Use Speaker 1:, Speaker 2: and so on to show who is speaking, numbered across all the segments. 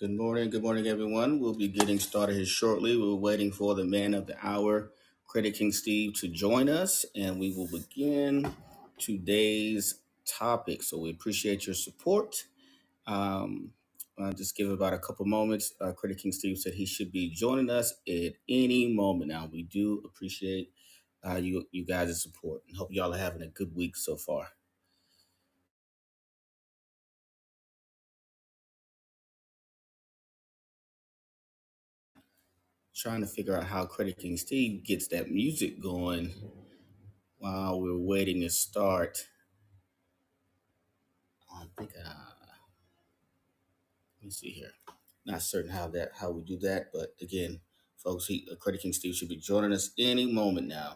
Speaker 1: Good morning. Good morning, everyone. We'll be getting started here shortly. We're waiting for the man of the hour, Credit King Steve, to join us, and we will begin today's topic. So we appreciate your support. Um, I'll just give about a couple moments. Uh, Credit King Steve said he should be joining us at any moment. Now we do appreciate uh, you you guys' support and hope y'all are having a good week so far. trying to figure out how Credit King Steve gets that music going while we're waiting to start. I think uh, let me see here. Not certain how that how we do that, but again, folks, he, uh, Credit King Steve should be joining us any moment now.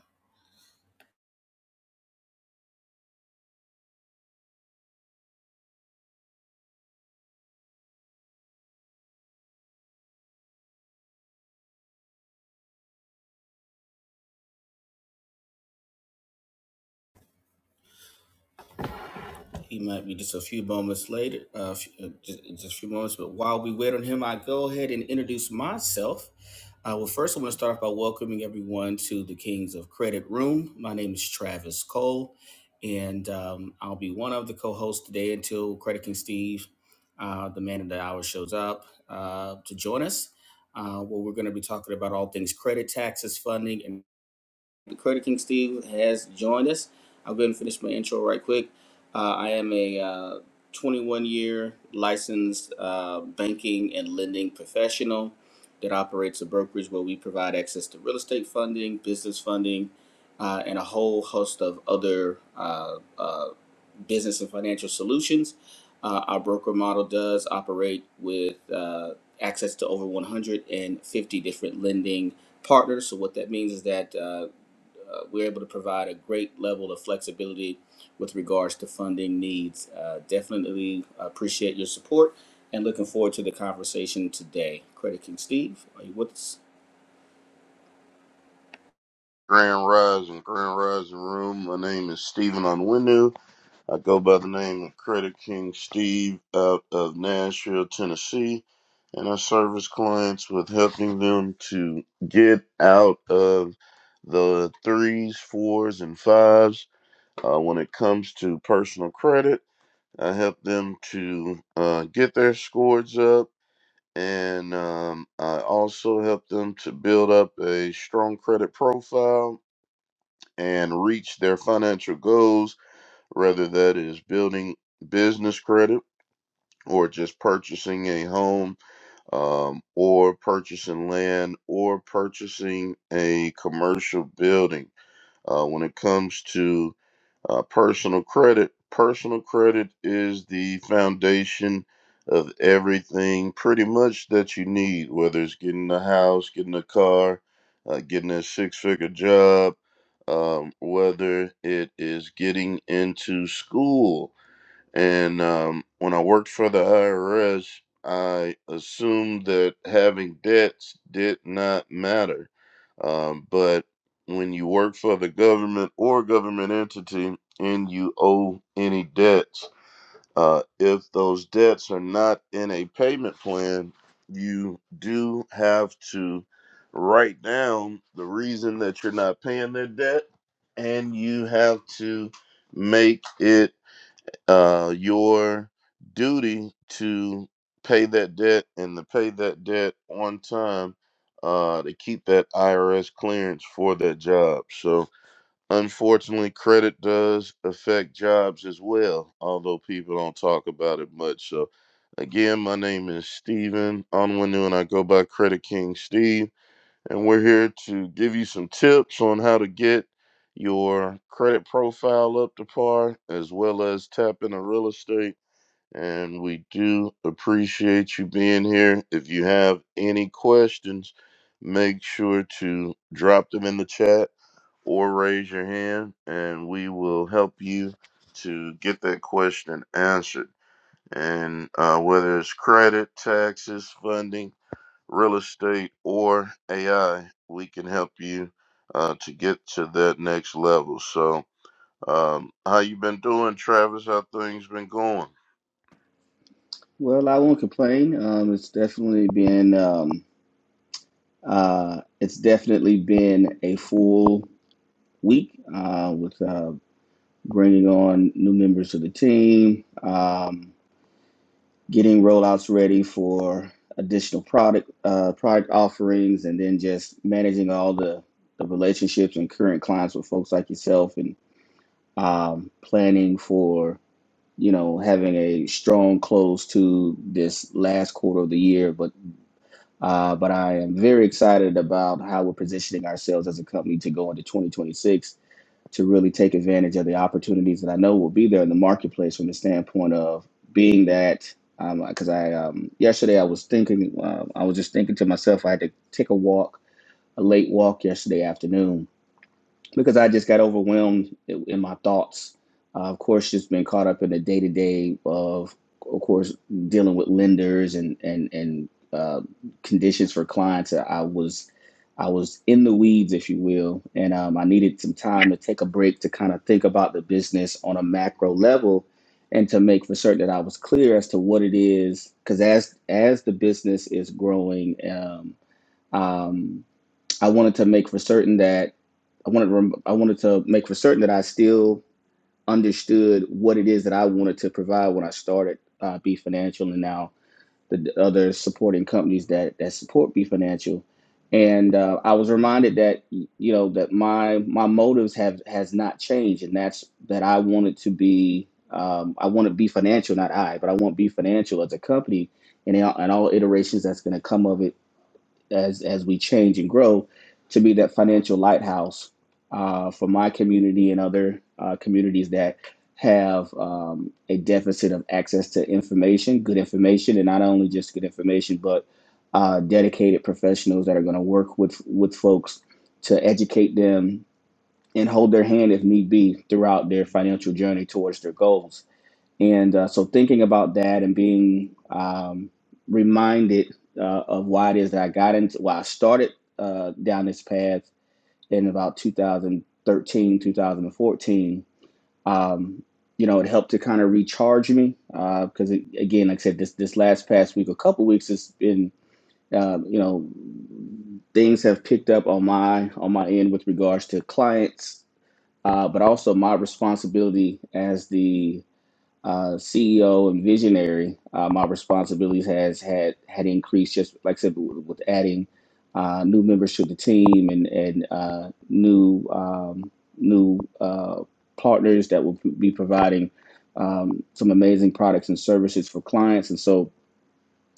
Speaker 1: He might be just a few moments later, uh, uh, just, just a few moments. But while we wait on him, I go ahead and introduce myself. Uh, well, first, I want to start off by welcoming everyone to the Kings of Credit Room. My name is Travis Cole, and um, I'll be one of the co hosts today until Credit King Steve, uh, the man of the hour, shows up uh, to join us. Uh, where we're going to be talking about all things credit, taxes, funding, and Creator King Steve has joined us. I'll go ahead and finish my intro right quick. Uh, I am a uh, 21 year licensed uh, banking and lending professional that operates a brokerage where we provide access to real estate funding, business funding, uh, and a whole host of other uh, uh, business and financial solutions. Uh, our broker model does operate with uh, access to over 150 different lending partners. So, what that means is that uh, uh, we're able to provide a great level of flexibility with regards to funding needs. Uh, definitely appreciate your support and looking forward to the conversation today. Credit King Steve, are you with us?
Speaker 2: Grand Rising, Grand Rising Room. My name is Stephen Onwenu. I go by the name of Credit King Steve out of Nashville, Tennessee, and I service clients with helping them to get out of the threes, fours, and fives uh, when it comes to personal credit. I help them to uh, get their scores up. And um, I also help them to build up a strong credit profile and reach their financial goals, whether that is building business credit or just purchasing a home um, or purchasing land or purchasing a commercial building. Uh, when it comes to uh, personal credit. Personal credit is the foundation of everything pretty much that you need, whether it's getting a house, getting a car, uh, getting a six figure job, um, whether it is getting into school. And um, when I worked for the IRS, I assumed that having debts did not matter. Um, but when you work for the government or government entity and you owe any debts, uh, if those debts are not in a payment plan, you do have to write down the reason that you're not paying their debt and you have to make it uh, your duty to pay that debt and to pay that debt on time uh, to keep that IRS clearance for that job. So, unfortunately, credit does affect jobs as well, although people don't talk about it much. So, again, my name is Steven Onwenu, and I go by Credit King Steve and we're here to give you some tips on how to get your credit profile up to par as well as tap into real estate. And we do appreciate you being here. If you have any questions, make sure to drop them in the chat or raise your hand, and we will help you to get that question answered. And uh, whether it's credit, taxes, funding, real estate, or AI, we can help you uh, to get to that next level. So, um, how you been doing, Travis? How things been going?
Speaker 1: Well, I won't complain. Um, it's definitely been um, uh, it's definitely been a full week uh, with uh, bringing on new members of the team. Um, getting rollouts ready for additional product uh, product offerings, and then just managing all the the relationships and current clients with folks like yourself, and um, planning for you know having a strong close to this last quarter of the year. But uh, but I am very excited about how we're positioning ourselves as a company to go into 2026 to really take advantage of the opportunities that I know will be there in the marketplace from the standpoint of being that um because um, I um yesterday I was thinking uh, I was just thinking to myself I had to take a walk a late walk yesterday afternoon because I just got overwhelmed in my thoughts. Uh, of course, just been caught up in the day to day of, of course, dealing with lenders and and and uh, conditions for clients. I was I was in the weeds, if you will, and um, I needed some time to take a break to kind of think about the business on a macro level and to make for certain that I was clear as to what it is. Because as as the business is growing. Um, um, I wanted to make for certain that I wanted to I wanted to make for certain that I still understood what it is that I wanted to provide when I started uh, B Financial and now the other supporting companies that that support B Financial. And uh, I was reminded that you know that my my motives have has not changed, and that's that I wanted to be um, I want to be financial, not I, but I want B Financial as a company and in all, and all iterations that's going to come of it as as we change and grow to be that financial lighthouse uh, for my community and other uh, communities that have um, a deficit of access to information, good information, and not only just good information, but uh, dedicated professionals that are going to work with with folks to educate them and hold their hand if need be throughout their financial journey towards their goals and uh, so thinking about that and being um, reminded uh, of why it is that I got into, why I started uh, down this path in about 2013, 2014, um, you know, it helped to kind of recharge me because, it again, like I said, this this last past week, a couple weeks, it's been, uh, you know, things have picked up on my on my end with regards to clients, uh, but also my responsibility as the uh, CEO and visionary, uh, my responsibilities has had had increased. Just like I said, with, with adding uh, new members to the team and and uh, new um, new uh, partners that will be providing um, some amazing products and services for clients. And so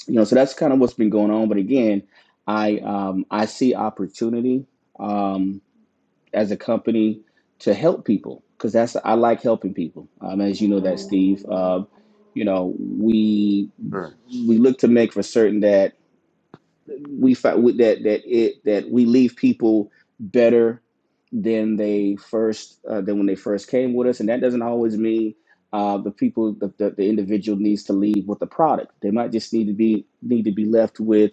Speaker 1: you know, so that's kind of what's been going on. But again, I um, I see opportunity. Um, as a company to help people because that's I like helping people. Um, as you know that Steve, um, you know we
Speaker 2: Sure.
Speaker 1: we look to make for certain that we find that that it that we leave people better than they first uh, than when they first came with us, and that doesn't always mean. Uh, the people, the, the, the individual needs to leave with the product. They might just need to be need to be left with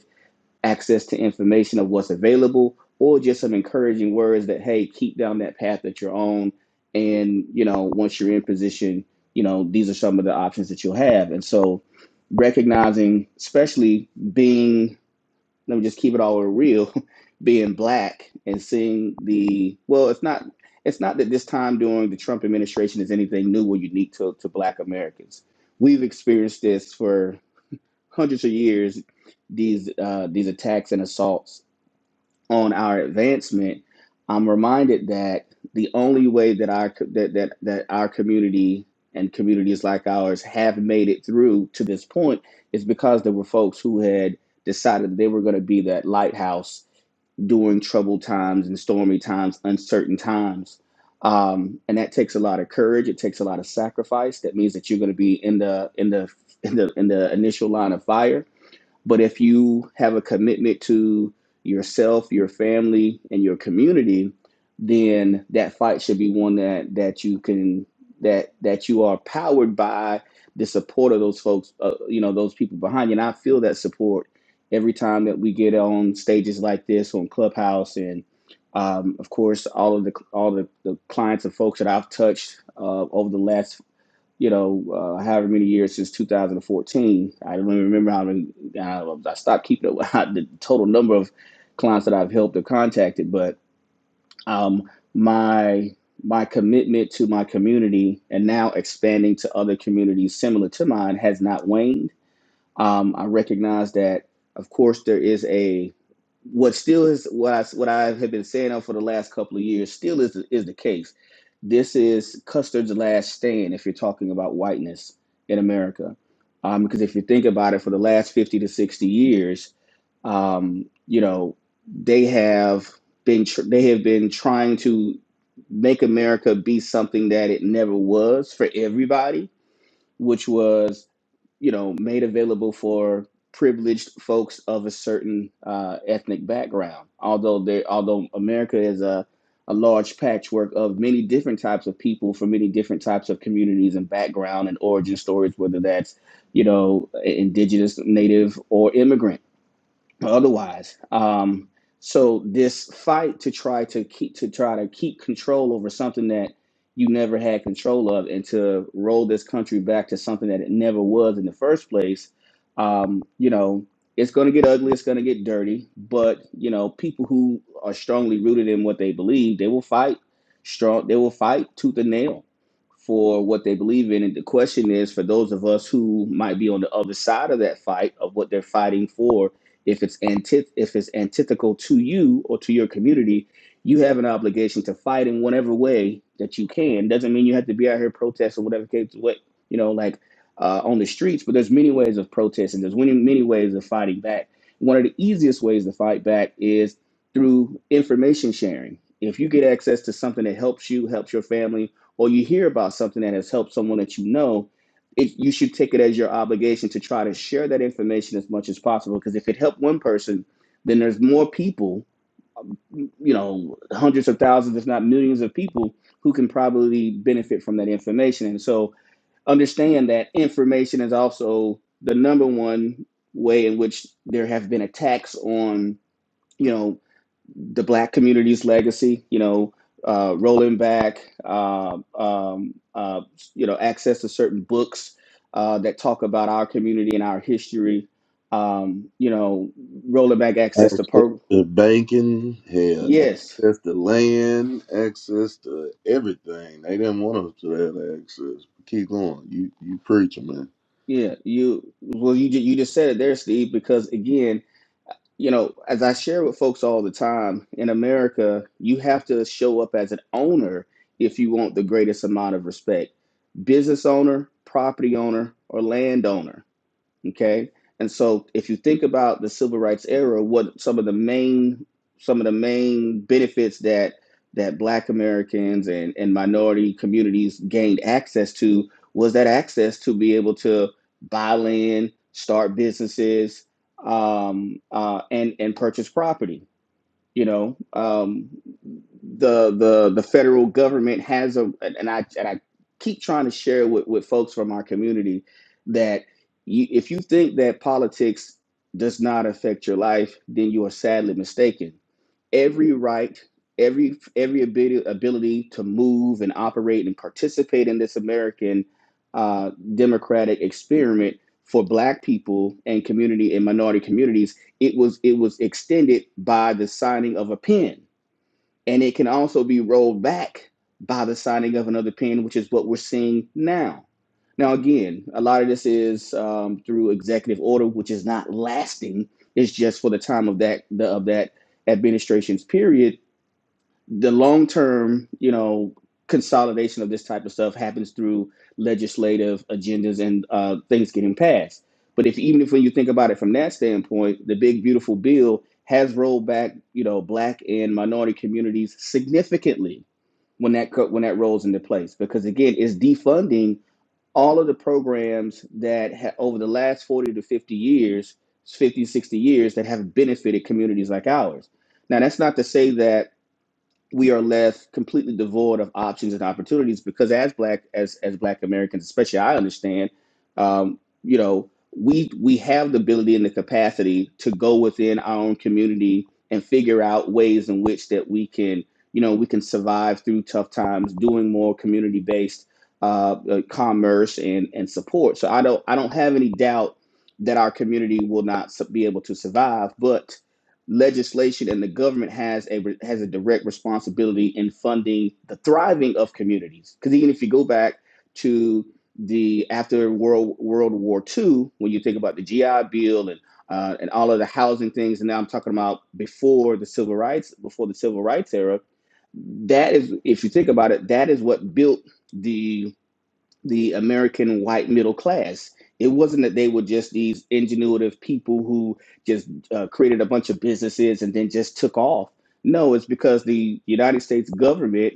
Speaker 1: access to information of what's available or just some encouraging words that hey keep down that path that you're on and you know once you're in position you know these are some of the options that you'll have and so recognizing especially being let me just keep it all real being black and seeing the well it's not it's not that this time during the trump administration is anything new or unique to, to black americans we've experienced this for hundreds of years these uh, these attacks and assaults on our advancement, I'm reminded that the only way that our that that, that our community and communities like ours have made it through to this point is because there were folks who had decided they were going to be that lighthouse during troubled times and stormy times, uncertain times. Um, and that takes a lot of courage. It takes a lot of sacrifice. That means that you're going to be in the in the in the in the initial line of fire but if you have a commitment to yourself, your family, and your community, then that fight should be one that that you can that that you are powered by the support of those folks, uh, you know, those people behind you. And I feel that support every time that we get on stages like this on Clubhouse and. Um, of course, all of the all the, the clients and folks that I've touched uh, over the last you know, uh, however many years since 2014. I don't even remember how many. Uh, I stopped keeping it the total number of clients that I've helped or contacted, but um, my my commitment to my community and now expanding to other communities similar to mine has not waned um, I recognize that, of course, there is a what still is what I what I have been saying for the last couple of years still is is the case. This is Custard's last stand if you're talking about whiteness in America, um, because if you think about it, for the last fifty to sixty years, um, you know they have been tr- they have been trying to make America be something that it never was for everybody, which was you know, made available for privileged folks of a certain uh, ethnic background. Although there, although America is a a large patchwork of many different types of people from many different types of communities and background and origin stories, whether that's you know indigenous, native, or immigrant otherwise um so this fight to try to keep to try to keep control over something that you never had control of and to roll this country back to something that it never was in the first place um you know it's going to get ugly it's going to get dirty but you know people who are strongly rooted in what they believe they will fight strong they will fight tooth and nail for what they believe in and the question is for those of us who might be on the other side of that fight of what they're fighting for if it's antith- if it's antithetical to you or to your community, you have an obligation to fight in whatever way that you can. Doesn't mean you have to be out here protesting whatever case what you know like uh, on the streets, but there's many ways of protesting. There's many many ways of fighting back. One of the easiest ways to fight back is through information sharing. If you get access to something that helps you, helps your family, or you hear about something that has helped someone that you know, it, you should take it as your obligation to try to share that information as much as possible because if it helped one person then there's more people you know hundreds of thousands if not millions of people who can probably benefit from that information and so understand that information is also the number one way in which there have been attacks on you know the black community's legacy, you know, uh, rolling back, uh, um, uh, you know, access to certain books uh, that talk about our community and our history, um, you know, rolling back access to
Speaker 2: access
Speaker 1: per.
Speaker 2: to banking, hell,
Speaker 1: Yes,
Speaker 2: access to land, access to everything. They didn't want us to have access. Keep going. You you preaching, man.
Speaker 1: yeah, you well, you ju- you just said it there, Steve, because again you know, as I share with folks all the time, in America, you have to show up as an owner if you want the greatest amount of respect. Business owner, property owner, or landowner Okay. And so if you think about the civil rights era, what some of the main some of the main benefits that that black Americans and, and minority communities gained access to was that access to be able to buy land, start businesses, um, uh, and and purchase property you know, um, the the the federal government has a and I and I keep trying to share with with folks from our community that you, if you think that politics does not affect your life, then you are sadly mistaken every right, every every ability, ability to move and operate and participate in this American uh, democratic experiment for Black people and community and minority communities. It was it was extended by the signing of a pen. And it can also be rolled back by the signing of another pen, which is what we're seeing now. Now, again, a lot of this is um, through executive order, which is not lasting. It's just for the time of that the, of that administration's period the long term, you know, consolidation of this type of stuff happens through legislative agendas and uh, things getting passed. But if even if when you think about it from that standpoint, the big beautiful bill has rolled back, you know, black and minority communities significantly when that when that rolls into place because again, it's defunding all of the programs that ha- over the last 40 to 50 years, 50 60 years that have benefited communities like ours. Now, that's not to say that we are left completely devoid of options and opportunities because as black as as black americans especially i understand um, you know we we have the ability and the capacity to go within our own community and figure out ways in which that we can you know we can survive through tough times doing more community based uh, uh, commerce and and support so i don't i don't have any doubt that our community will not be able to survive but legislation and the government has a has a direct responsibility in funding the thriving of communities. Because even if you go back to the after World World War II, when you think about the GI Bill and uh, and all of the housing things, and now I'm talking about before the civil rights before the civil rights era. That is, if you think about it, that is what built the the American white middle class. It wasn't that they were just these ingenuitive people who just uh, created a bunch of businesses and then just took off. No, it's because the United States government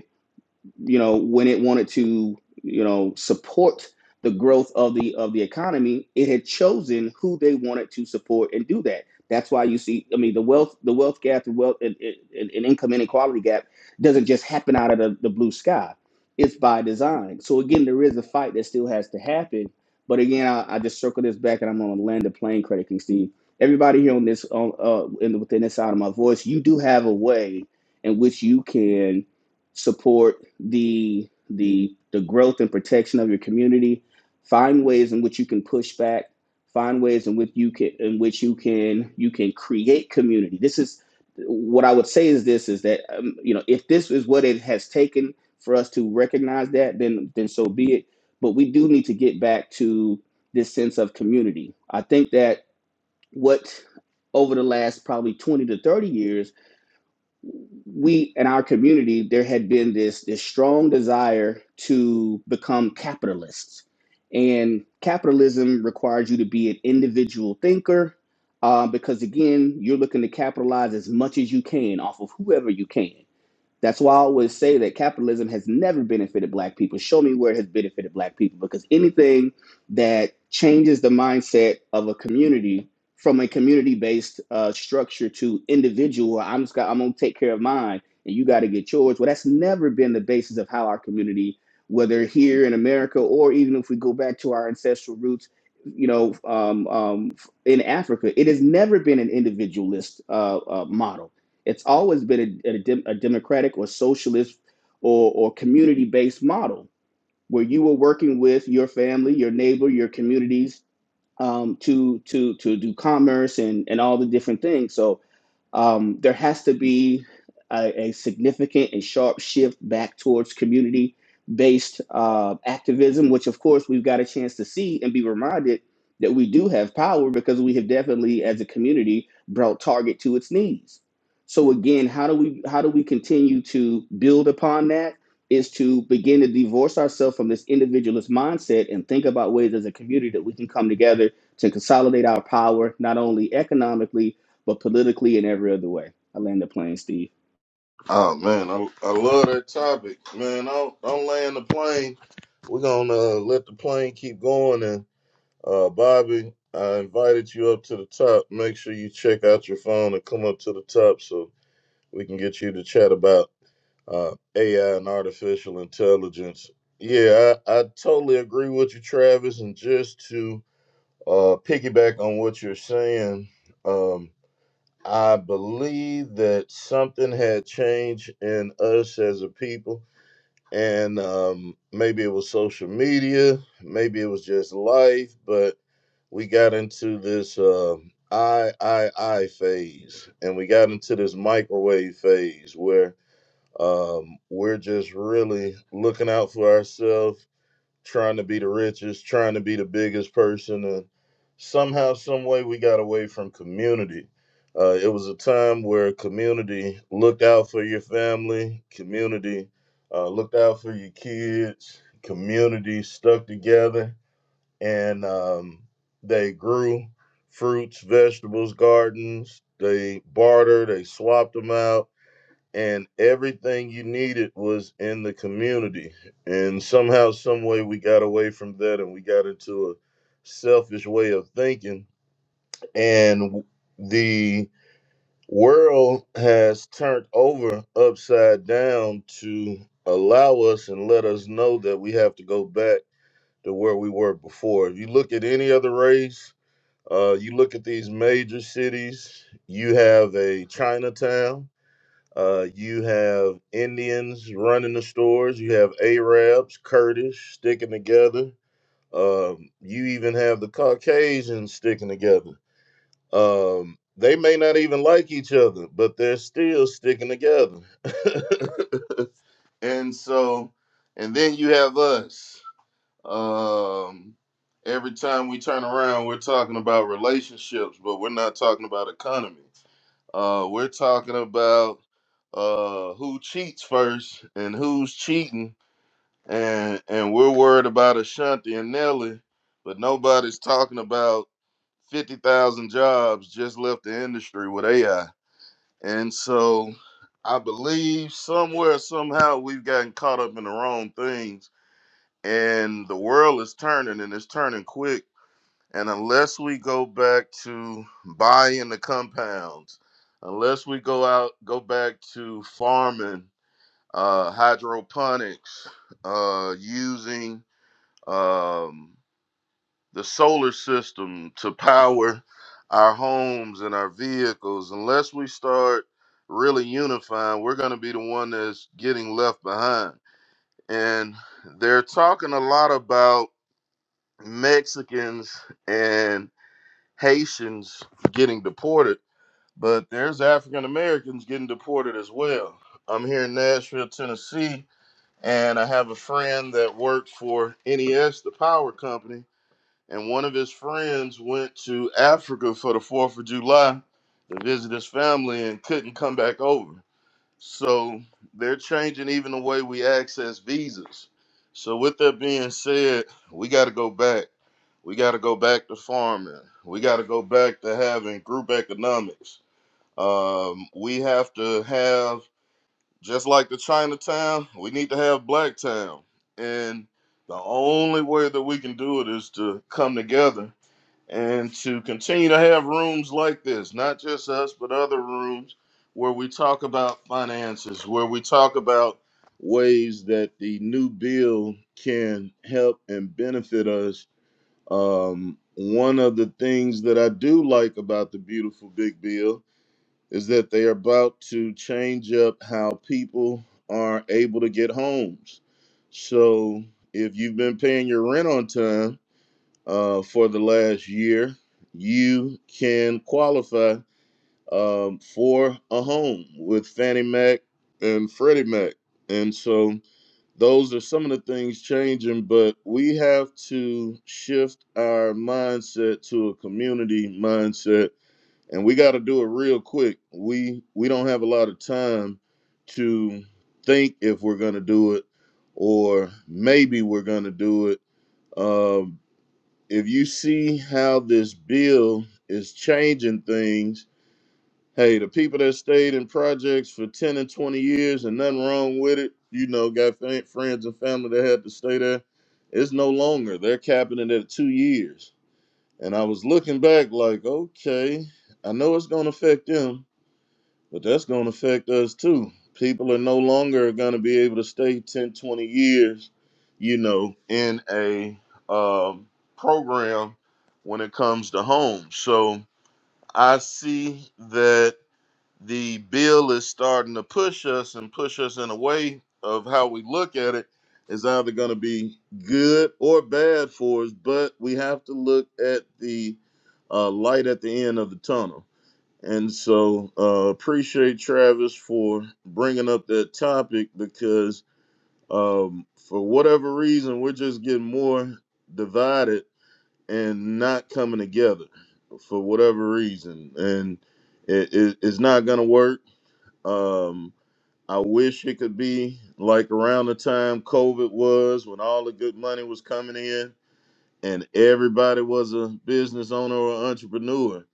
Speaker 1: you know when it wanted to you know support the growth of the of the economy it had chosen who they wanted to support and do that that's why you see i mean the wealth the wealth gap the wealth and, and, and income inequality gap doesn't just happen out of the, the blue sky it's by design so again there is a fight that still has to happen but again i, I just circle this back and i'm going to land the plane credit king steve everybody here on this on uh in, within this side of my voice you do have a way in which you can support the the the growth and protection of your community find ways in which you can push back find ways in which you can in which you can you can create community this is what i would say is this is that um, you know if this is what it has taken for us to recognize that then then so be it but we do need to get back to this sense of community i think that what over the last probably 20 to 30 years we in our community there had been this this strong desire to become capitalists and capitalism requires you to be an individual thinker uh, because again you're looking to capitalize as much as you can off of whoever you can that's why I always say that capitalism has never benefited black people. Show me where it has benefited black people because anything that changes the mindset of a community from a community based uh, structure to individual, I'm just got, I'm gonna take care of mine and you got to get yours. Well, that's never been the basis of how our community, whether here in America or even if we go back to our ancestral roots, you know, um, um, in Africa, it has never been an individualist uh, uh, model it's always been a, a dem- a democratic or socialist or, or community based model where you were working with your family, your neighbor, your communities um, to to to do commerce and and all the different things. So um, there has to be a, a significant and sharp shift back towards community based uh, activism, which of course we've got a chance to see and be reminded that we do have power because we have definitely as a community brought target to its knees. So again, how do we how do we continue to build upon that is to begin to divorce ourselves from this individualist mindset and think about ways as a community that we can come together to consolidate our power not only economically but politically in every other way. I land the plane, Steve.
Speaker 2: Oh man, I, I love that topic, man. Don't don't land the plane. We're gonna uh, let the plane keep going and. Uh, Bobby, I invited you up to the top. Make sure you check out your phone and come up to the top so we can get you to chat about uh, AI and artificial intelligence. Yeah, I, I totally agree with you, Travis. And just to uh, piggyback on what you're saying, um, I believe that something had changed in us as a people and um, maybe it was social media, maybe it was just life, but we got into this uh, I I I phase, and we got into this microwave phase where um, we're just really looking out for ourselves trying to be the richest, trying to be the biggest person, and somehow, some way, we got away from community. Uh, it was a time where community looked out for your family, community uh, looked out for your kids, community stuck together, and um, they grew fruits, vegetables, gardens. They bartered, they swapped them out and everything you needed was in the community. And somehow, some way, we got away from that, and we got into a selfish way of thinking. And the world has turned over upside down to allow us and let us know that we have to go back to where we were before. If you look at any other race, uh, you look at these major cities, you have a Chinatown uh, you have Indians running the stores. You have Arabs, Kurdish sticking together. Um, you even have the Caucasians sticking together. Um, they may not even like each other, but they're still sticking together. And so, and then you have us. Um, every time we turn around, we're talking about relationships, but we're not talking about economy. Uh, we're talking about uh, who cheats first and who's cheating, and and we're worried about Ashanti and Nelly, but nobody's talking about fifty thousand jobs just left the industry with AI. And so, I believe somewhere somehow we've gotten caught up in the wrong things, and the world is turning and it's turning quick and unless we go back to buying the compounds, unless we go out, go back to farming, uh, hydroponics, uh, using um, the solar system to power our homes and our vehicles, unless we start really unifying, we're going to be the one that's getting left behind. And they're talking a lot about Mexicans and. Haitians getting deported, but there's African Americans getting deported as well. I'm here in Nashville, Tennessee, and I have a friend that worked for NES, the power company, and one of his friends went to Africa for the 4th of July to visit his family and couldn't come back over. So they're changing even the way we access visas. So, with that being said, we got to go back we got to go back to farming. We got to go back to having group economics. Um, we have to have, just like the Chinatown, we need to have Black Town. And the only way that we can do it is to come together and to continue to have rooms like this, not just us, but other rooms where we talk about finances, where we talk about ways that the new bill can help and benefit us um, one of the things that I do like about the beautiful Big Bill is that they are about to change up how people are able to get homes. So if you've been paying your rent on time uh, for the last year, you can qualify um, for a home with Fannie Mac and Freddie Mac. And so those are some of the things changing, but we have to shift our mindset to a community mindset, and we got to do it real quick. We we don't have a lot of time to think if we're going to do it, or maybe we're going to do it. Um, if you see how this bill is changing things Hey, the people that stayed in projects for 10 and 20 years and nothing wrong with it, you know, got fa- friends and family that had to stay there. It's no longer. They're capping it at two years. And I was looking back like, okay, I know it's going to affect them, but that's going to affect us too. People are no longer going to be able to stay 10, 20 years, you know, in a um, program when it comes to home. So I see that the bill is starting to push us and push us in a way of how we look at it is either going to be good or bad for us, but we have to look at the uh, light at the end of the tunnel. And so, uh, appreciate Travis for bringing up that topic because, um, for whatever reason, we're just getting more divided and not coming together for whatever reason. And it, it, it's not going to work um, I wish it could be like around the time COVID was when all the good money was coming in and everybody was a business owner or entrepreneur.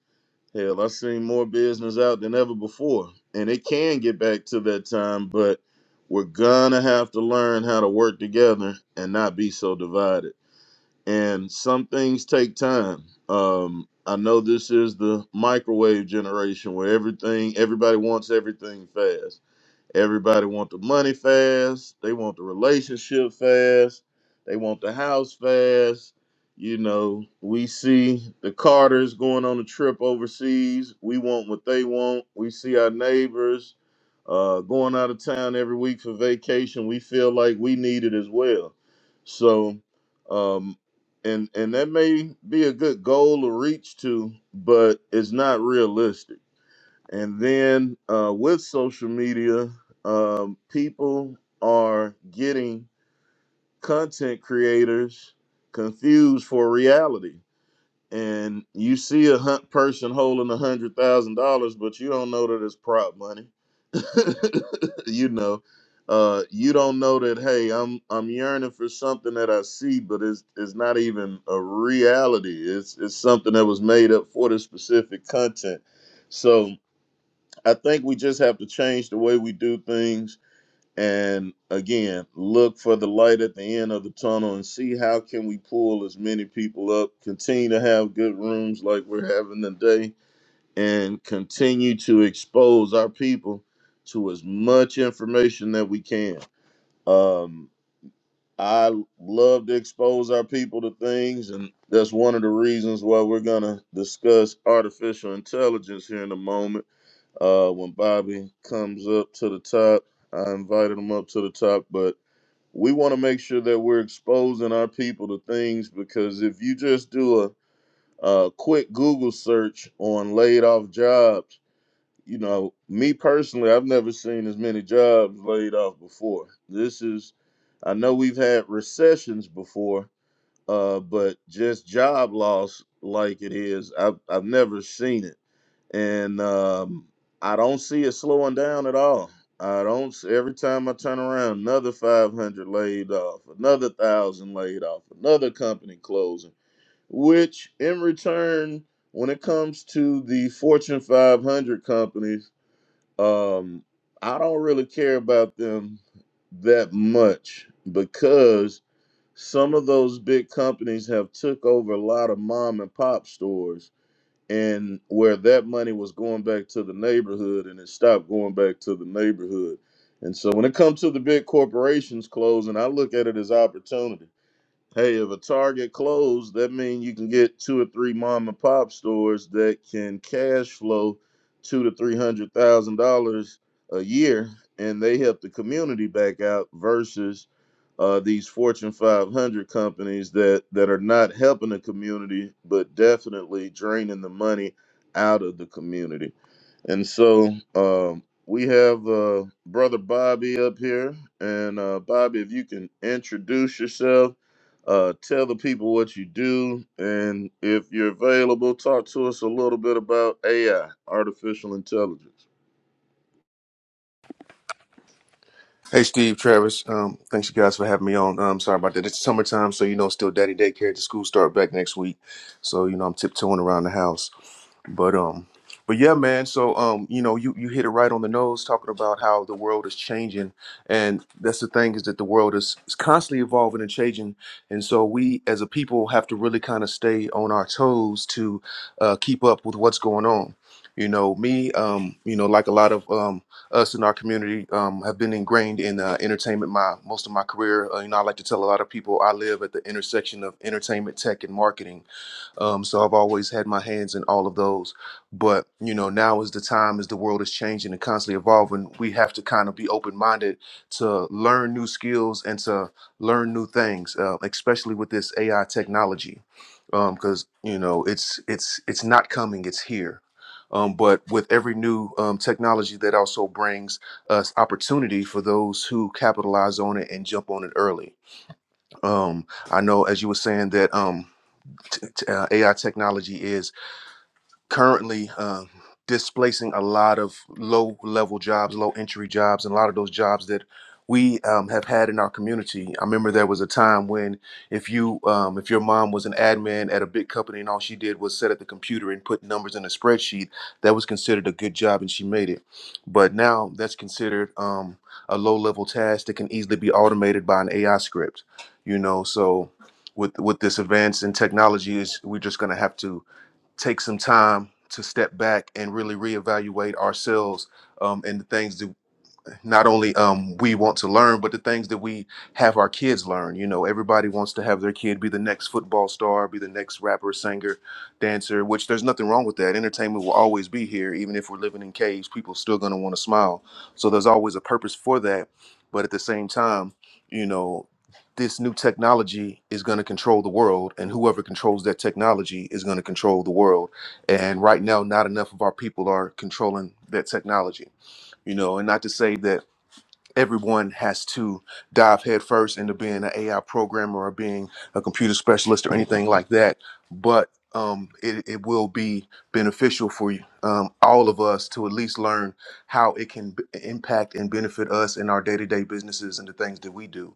Speaker 2: Hell, I've seen more business out than ever before. And it can get back to that time, but we're gonna have to learn how to work together and not be so divided. And some things take time. Um, I know this is the microwave generation where everything, everybody wants everything fast Everybody want the money fast. They want the relationship fast. They want the house fast. You know, we see the Carters going on a trip overseas. We want what they want. We see our neighbors uh, going out of town every week for vacation. We feel like we need it as well. So, um, and and that may be a good goal to reach to, but it's not realistic and then uh, with social media, um, people are getting content creators confused for reality. And you see a hunt person holding a hundred thousand dollars, but you don't know that it's prop money. you know, uh, you don't know that. Hey, I'm I'm yearning for something that I see, but it's it's not even a reality. It's it's something that was made up for the specific content. So I think we just have to change the way we do things and again look for the light at the end of the tunnel and see how can we pull as many people up continue to have good rooms like we're having today and continue to expose our people to as much information that we can um i love to expose our people to things and that's one of the reasons why we're going to discuss artificial intelligence here in a moment uh, when Bobby comes up to the top, I invited him up to the top, but we want to make sure that we're exposing our people to things because if you just do a, a quick Google search on laid off jobs, you know, me personally, I've never seen as many jobs laid off before. This is, I know we've had recessions before, uh, but just job loss like it is, I've, I've never seen it and um, I don't see it slowing down at all. I don't. s- Every time I turn around, another 500 laid off, another thousand laid off, another company closing. Which, in return, when it comes to the Fortune 500 companies, um, I don't really care about them that much because some of those big companies have took over a lot of mom and pop stores and where that money was going back to the neighborhood and it stopped going back to the neighborhood. And so when it comes to the big corporations closing, I look at it as opportunity. Hey, if a Target closed, that means you can get two or three mom and pop stores that can cash flow two to three hundred thousand dollars a year, and they help the community back out versus uh, these Fortune 500 companies that that are not helping the community, but definitely draining the money out of the community. And so um, we have uh, brother Bobby up here, and uh, Bobby, if you can introduce yourself uh, tell the people what you do, and if you're available, talk to us a little bit about AI, artificial intelligence.
Speaker 3: Hey, Steve, Travis. Um, thanks you guys for having me on. Um, sorry about that. It's summertime, so you know, still daddy daycare. The school start back next week, so you know, I'm tiptoeing around the house. But um, but yeah, man. So um, you know, you you hit it right on the nose talking about how the world is changing, and that's the thing is that the world is, is constantly evolving and changing, and so we as a people have to really kind of stay on our toes to uh, keep up with what's going on. You know, me, um, you know, like a lot of um, us in our community, um, have been ingrained in uh, entertainment my most of my career. Uh, you know, I like to tell a lot of people I live at the intersection of entertainment, tech, and marketing um, so I've always had my hands in all of those. But you know, now is the time as the world is changing and constantly evolving. We have to kind of be open minded to learn new skills and to learn new things, uh, especially with this AI technology, because you know it's it's it's not coming; it's here. Um, but with every new um, technology, that also brings us opportunity for those who capitalize on it and jump on it early. Um, I know, as you were saying, that. Um, t- t- uh, AI technology is currently um, displacing a lot of low level jobs, low entry jobs, and a lot of those jobs that we um, have had in our community. I remember there was a time when if you um, if your mom was an admin at a big company and all she did was sit at the computer and put numbers in a spreadsheet, that was considered a good job and she made it. But now that's considered um, a low level task that can easily be automated by an AI script. You know, so with with this advance in technology, is we're just going to have to take some time to step back and really reevaluate ourselves um, and the things that not only um we want to learn but the things that we have our kids learn you know everybody wants to have their kid be the next football star be the next rapper singer dancer which there's nothing wrong with that entertainment will always be here even if we're living in caves people still going to want to smile so there's always a purpose for that but at the same time you know this new technology is going to control the world and whoever controls that technology is going to control the world and right now not enough of our people are controlling that technology you know and not to say that everyone has to dive headfirst into being an AI programmer or being a computer specialist or anything like that. But um, it, it will be beneficial for you, um, all of us to at least learn how it can b- impact and benefit us in our day to day businesses and the things that we do.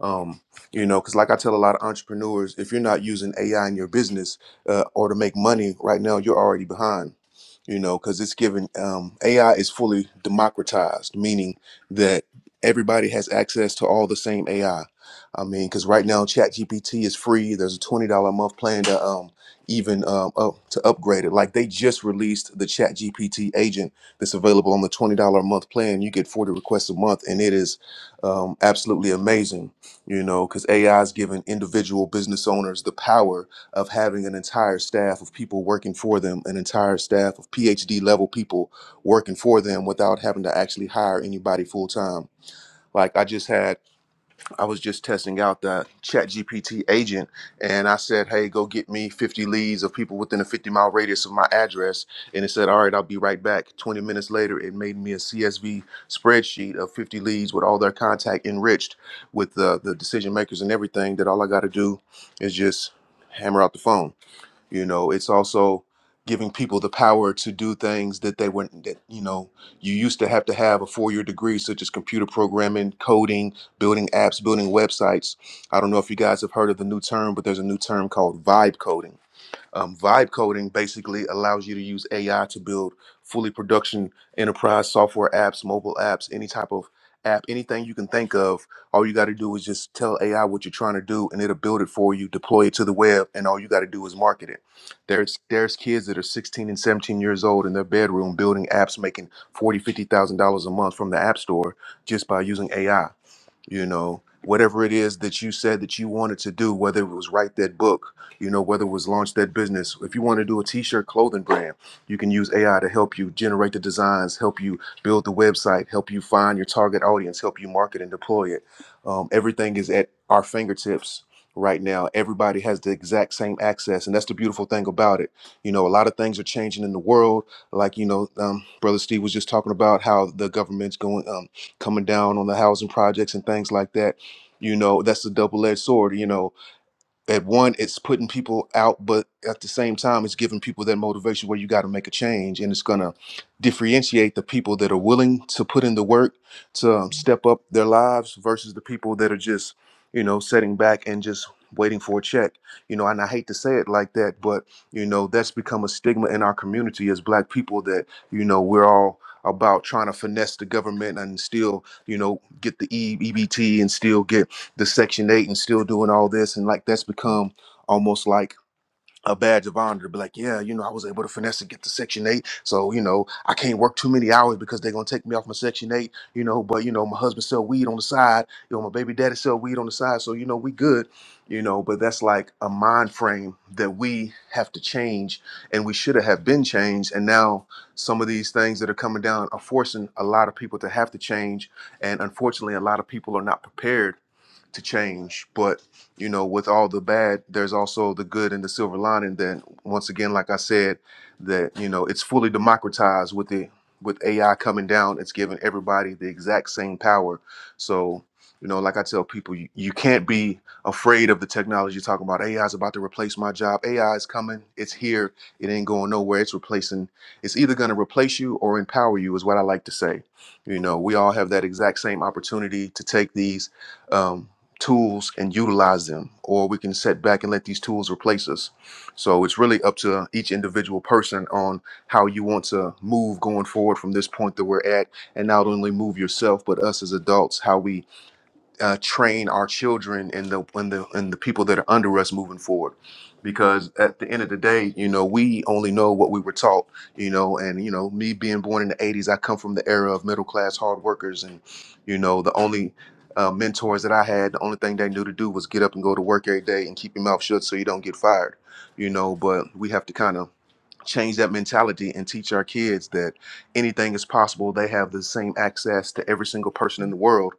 Speaker 3: Um, you know, because like I tell a lot of entrepreneurs, if you're not using AI in your business uh, or to make money right now, you're already behind. You know, because it's given um, AI is fully democratized, meaning that everybody has access to all the same AI. I I mean, because right now ChatGPT is free. There's a twenty dollar a month plan to um even um up, to upgrade it. Like they just released the ChatGPT agent that's available on the twenty dollar a month plan. You get forty requests a month, and it is um, absolutely amazing. You know, because AI is giving individual business owners the power of having an entire staff of people working for them, an entire staff of PhD level people working for them without having to actually hire anybody full time like I just had, I was just testing out the Chat GPT agent, and I said, "Hey, go get me 50 leads of people within a 50 mile radius of my address." And it said, "All right, I'll be right back." 20 minutes later, it made me a CSV spreadsheet of 50 leads with all their contact enriched, with the the decision makers and everything. That all I got to do is just hammer out the phone you know it's also giving people the power to do things that they weren't that you know you used to have to have a four-year degree such as computer programming coding building apps building websites i don't know if you guys have heard of the new term but there's a new term called vibe coding um, vibe coding basically allows you to use AI to build fully production enterprise software apps, mobile apps, any type of app, anything you can think of. All you got to do is just tell AI what you're trying to do, and it'll build it for you, deploy it to the web, and all you got to do is market it. There's there's kids that are 16 and 17 years old in their bedroom building apps, making forty, fifty thousand dollars a month from the app store just by using AI you know whatever it is that you said that you wanted to do whether it was write that book you know whether it was launch that business if you want to do a t-shirt clothing brand you can use ai to help you generate the designs help you build the website help you find your target audience help you market and deploy it um, everything is at our fingertips right now everybody has the exact same access and that's the beautiful thing about it you know a lot of things are changing in the world like you know um, brother steve was just talking about how the government's going um, coming down on the housing projects and things like that. You know, that's a double edged sword. You know, at one it's putting people out but at the same time it's giving people that motivation where you got to make a change and it's going to differentiate the people that are willing to put in the work to um, step up their lives versus the people that are just you know sitting back and just waiting for a check you know and i hate to say it like that but you know that's become a stigma in our community as black people that you know we're all about trying to finesse the government and still you know get the E- ebt and still get the Section Eight and still doing all this, and like that's become almost like a badge of honor to be like, yeah, you know, I was able to finesse and get to Section Eight, so you know, I can't work too many hours because they're gonna take me off my Section Eight, you know. But you know, my husband sell weed on the side, you know, my baby daddy sell weed on the side, so you know, we good, you know. But that's like a mind frame that we have to change, and we should have been changed, and now some of these things that are coming down are forcing a lot of people to have to change, and unfortunately, a lot of people are not prepared to change. But you know, with all the bad, there's also the good and the silver lining. That once again, like I said, that you know, it's fully democratized with the with AI coming down. It's giving everybody the exact same power. So you know, like I tell people, you, you can't be afraid of the technology. Talking about AI is about to replace my job. AI is coming. It's here. It ain't going nowhere. It's replacing. It's either going to replace you or empower you. Is what I like to say. You know, we all have that exact same opportunity to take these. Um, tools and utilize them, or we can set back and let these tools replace us. So it's really up to each individual person on how you want to move going forward from this point that we're at, and not only move yourself, but us as adults, how we uh, train our children and the and the and the people that are under us moving forward because at the end of the day you know we only know what we were taught you know and you know me being born in the 80s i come from the era of middle class hard workers and you know the only uh, mentors that i had the only thing they knew to do was get up and go to work every day and keep your mouth shut so you don't get fired you know but we have to kind of change that mentality and teach our kids that anything is possible. They have the same access to every single person in the world,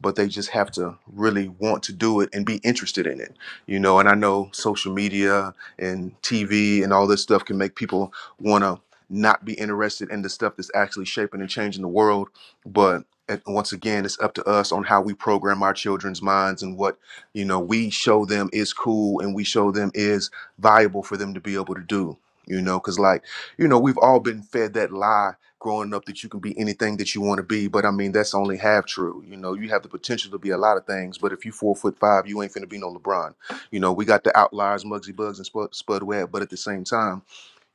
Speaker 3: but they just have to really want to do it and be interested in it. You know, and I know social media and TV and all this stuff can make people want to not be interested in the stuff that's actually shaping and changing the world, but at- once again, it's up to us on how we program our children's minds and what you know we show them is cool and we show them is viable for them to be able to do you know because like you know we've all been fed that lie growing up that you can be anything that you want to be but i mean that's only half true you know you have the potential to be a lot of things but if you four foot five you ain't finna be no lebron you know we got the outliers mugsy bugs and spud, spud webb but at the same time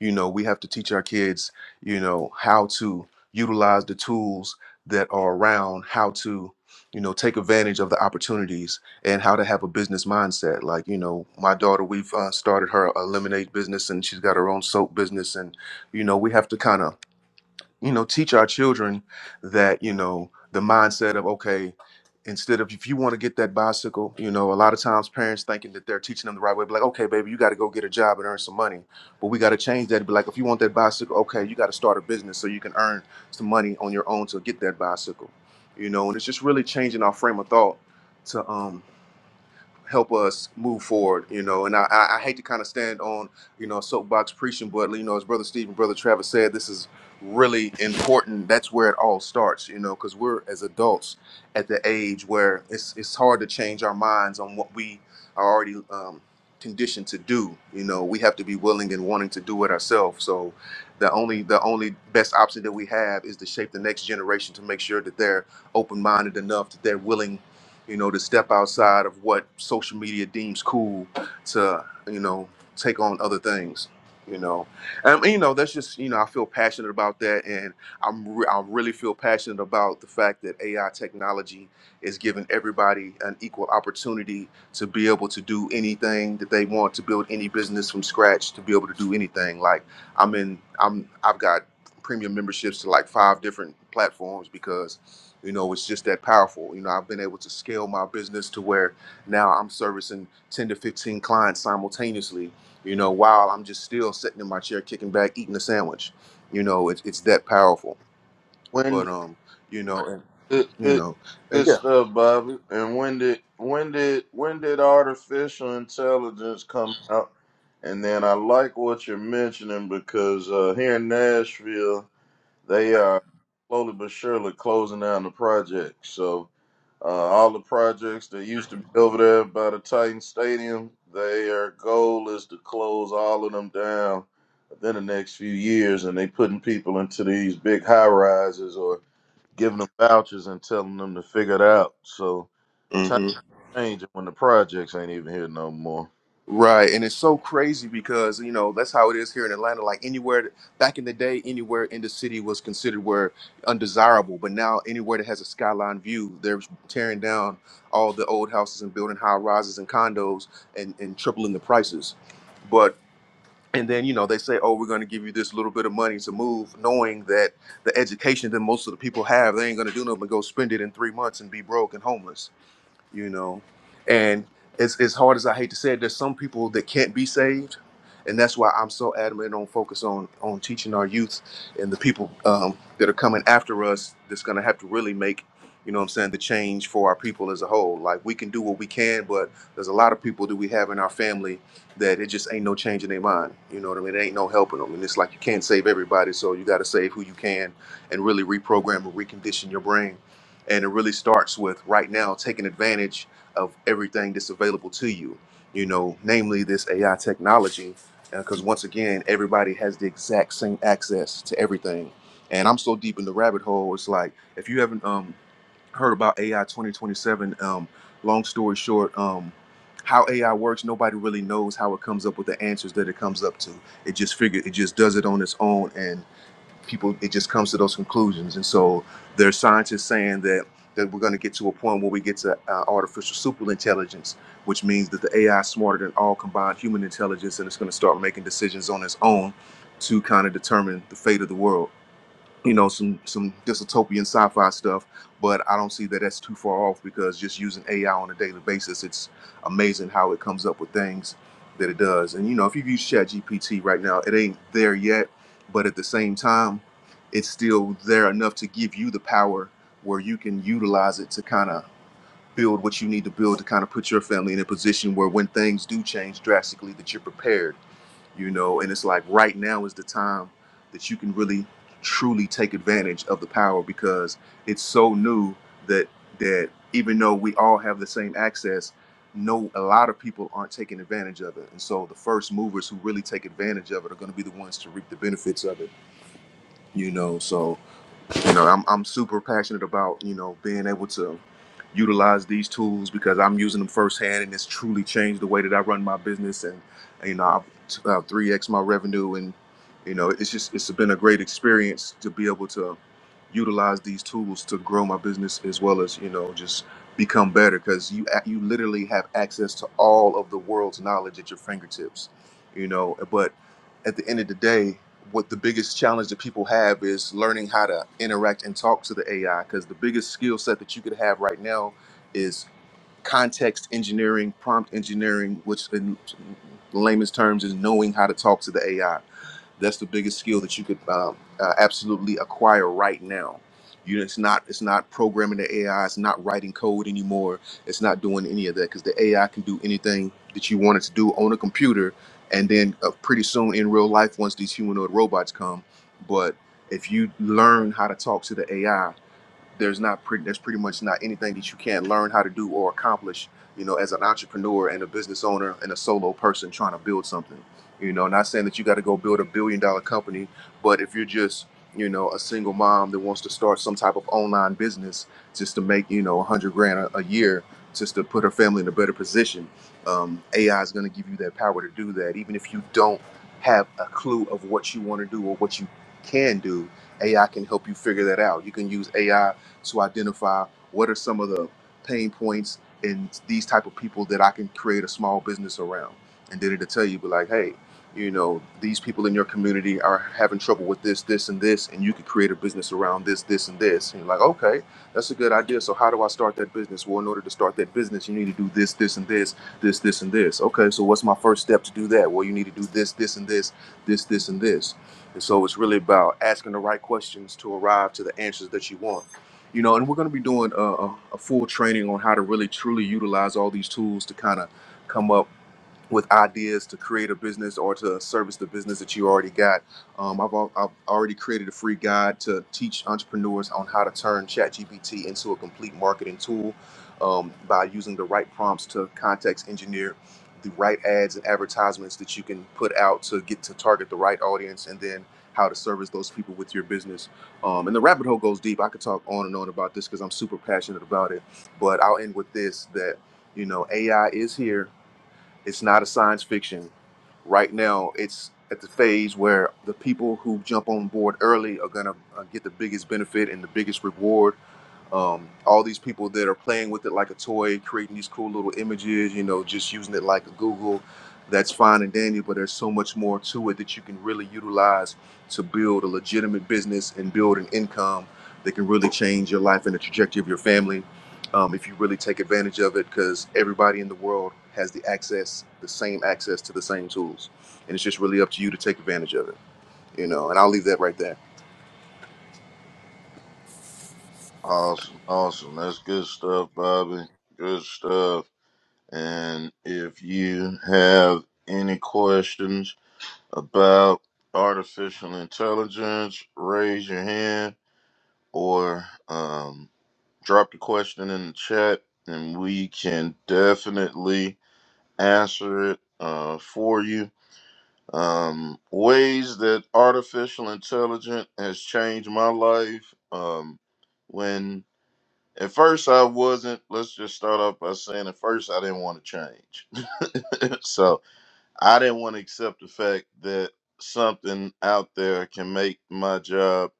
Speaker 3: you know we have to teach our kids you know how to utilize the tools that are around how to you know take advantage of the opportunities and how to have a business mindset. Like, you know, my daughter, we've uh, started her a lemonade business and she's got her own soap business. And, you know, we have to kind of, you know, teach our children that, you know, the mindset of, okay, instead of if you want to get that bicycle, you know, a lot of times parents thinking that they're teaching them the right way, be like, okay, baby, you got to go get a job and earn some money. But we got to change that. Be like, if you want that bicycle, okay, you got to start a business so you can earn some money on your own to get that bicycle. You know, and it's just really changing our frame of thought to um help us move forward, you know. And I, I I hate to kind of stand on, you know, soapbox preaching, but you know, as Brother Steve and Brother Travis said, this is really important. That's where it all starts, you know, because we're as adults at the age where it's it's hard to change our minds on what we are already um, conditioned to do. You know, we have to be willing and wanting to do it ourselves. So the only the only best option that we have is to shape the next generation to make sure that they're open minded enough that they're willing you know, to step outside of what social media deems cool to, you know, take on other things, you know. And, you know, that's just, you know, I feel passionate about that. And I'm re- I really feel passionate about the fact that AI technology is giving everybody an equal opportunity to be able to do anything that they want, to build any business from scratch, to be able to do anything. Like I'm in, I'm, I've got premium memberships to like five different platforms because you know it's just that powerful you know i've been able to scale my business to where now i'm servicing 10 to 15 clients simultaneously you know while i'm just still sitting in my chair kicking back eating a sandwich you know it's, it's that powerful
Speaker 2: When
Speaker 3: but
Speaker 2: did,
Speaker 3: um you know and,
Speaker 2: good,
Speaker 3: you
Speaker 2: good,
Speaker 3: know and
Speaker 2: good stuff, Bobby. And when did when did when did artificial intelligence come out? And then I like what you're mentioning because uh, here in Nashville, They are slowly but surely closing down the project. So uh, all the projects that used to be over there by the Titan Stadium, their goal is to close all of them down within the next few years. And they putting people into these big high rises or giving them vouchers and telling them to figure it out. So
Speaker 3: yeah
Speaker 2: times changing when the projects ain't even here no more.
Speaker 3: Right, and it's so crazy because you know that's how it is here in Atlanta. Like anywhere back in the day, anywhere in the city was considered where undesirable, but now anywhere that has a skyline view, they're tearing down all the old houses and building high rises and condos and and tripling the prices. But and then you know they say, oh, we're going to give you this little bit of money to move, knowing that the education that most of the people have, they ain't going to do nothing but go spend it in three months and be broke and homeless you know. And it's as hard as I hate to say it, there's some people that can't be saved, and that's why I'm so adamant on focus on on teaching our youth and the people um, that are coming after us. That's going to have to really make, you know, what I'm saying the change for our people as a whole. Like we can do what we can, but there's a lot of people that we have in our family that it just ain't no change in their mind. You know what I mean? It ain't no helping them, and it's like you can't save everybody, so you got to save who you can and really reprogram and recondition your brain and it really starts with right now taking advantage of everything that's available to you, you know, namely this AI technology. Because once again, everybody has the exact same access to everything. And I'm so deep in the rabbit hole. It's like, if you haven't um, heard about AI 2027, um, long story short, um, how AI works, nobody really knows how it comes up with the answers that it comes up to. It just figure it just does it on its own. And people it just comes to those conclusions and so there are scientists saying that that we're going to get to a point where we get to uh, artificial superintelligence which means that the ai is smarter than all combined human intelligence and it's going to start making decisions on its own to kind of determine the fate of the world you know some some dystopian sci-fi stuff but i don't see that that's too far off because just using ai on a daily basis it's amazing how it comes up with things that it does and you know if you've used ChatGPT right now it ain't there yet but at the same time it's still there enough to give you the power where you can utilize it to kind of build what you need to build to kind of put your family in a position where when things do change drastically that you're prepared you know and it's like right now is the time that you can really truly take advantage of the power because it's so new that that even though we all have the same access no a lot of people aren't taking advantage of it and so the first movers who really take advantage of it are going to be the ones to reap the benefits of it you know so you know I'm, I'm super passionate about you know being able to utilize these tools because i'm using them firsthand and it's truly changed the way that i run my business and you know i've uh, 3x my revenue and you know it's just it's been a great experience to be able to utilize these tools to grow my business as well as you know just become better because you ac- you literally have access to all of the world's knowledge at your fingertips you know but at the end of the day, what the biggest challenge that people have is learning how to interact and talk to the AI. Because the biggest skill set that you could have right now is context engineering, prompt engineering, which in layman's terms is knowing how to talk to the AI that's the biggest skill that you could uh, uh, absolutely acquire right now. You know, it's not it's not programming the AI. It's not writing code anymore. It's not doing any of that because the AI can do anything that you want it to do on a computer, and then uh, pretty soon in real life, once these humanoid robots come, but if you learn how to talk to the AI there's not pretty there's pretty much not anything that you can't learn how to do or accomplish you know as an entrepreneur and a business owner and a solo person trying to build something you know not saying that you got to go build a billion dollar company but if you're just you know a single mom that wants to start some type of online business just to make you know a 100 grand a, a year just to put her family in a better position um, ai is going to give you that power to do that even if you don't have a clue of what you want to do or what you can do ai can help you figure that out you can use ai to identify what are some of the pain points in these type of people that I can create a small business around. And then it'll tell you, be like, hey, you know, these people in your community are having trouble with this, this, and this, and you could create a business around this, this, and this. And you're like, okay, that's a good idea. So how do I start that business? Well, in order to start that business, you need to do this, this, and this, this, this, and this. Okay, so what's my first step to do that? Well, you need to do this, this, and this, this, this, and this. And so it's really about asking the right questions to arrive to the answers that you want you know, and we're going to be doing a, a, a full training on how to really truly utilize all these tools to kind of come up with ideas to create a business or to service the business that you already got. Um, I've, al- I've already created a free guide to teach entrepreneurs on how to turn ChatGPT into a complete marketing tool um, by using the right prompts to context engineer the right ads and advertisements that you can put out to get to target the right audience and then how to service those people with your business. Um, and the rabbit hole goes deep. I could talk on and on about this because I'm super passionate about it. But I'll end with this that, you know, AI is here it's not a science fiction. Right now, it's at the phase where the people who jump on board early are gonna uh, get the biggest benefit and the biggest reward um, all these people that are playing with it like a toy, creating these cool little images, you know, just using it like a Google, that's fine and dandy, but there's so much more to it that you can really utilize to build a legitimate business and build an income that can really change your life and the trajectory of your family um, if you really take advantage of it, because everybody in the world has the access, the same access to the same tools. And it's just really up to you to take advantage of it, you know, and I'll leave that right there.
Speaker 2: Awesome, awesome. That's good stuff, Bobby. Good stuff. And if you have any questions about artificial intelligence, raise your hand or um, drop the question in the chat, and we can definitely answer it uh, for you. Um, ways that artificial intelligence has changed my life. Um, when at first I wasn't, let's just start off by saying at first I didn't want to change. so I didn't want to accept the fact that something out there can make my job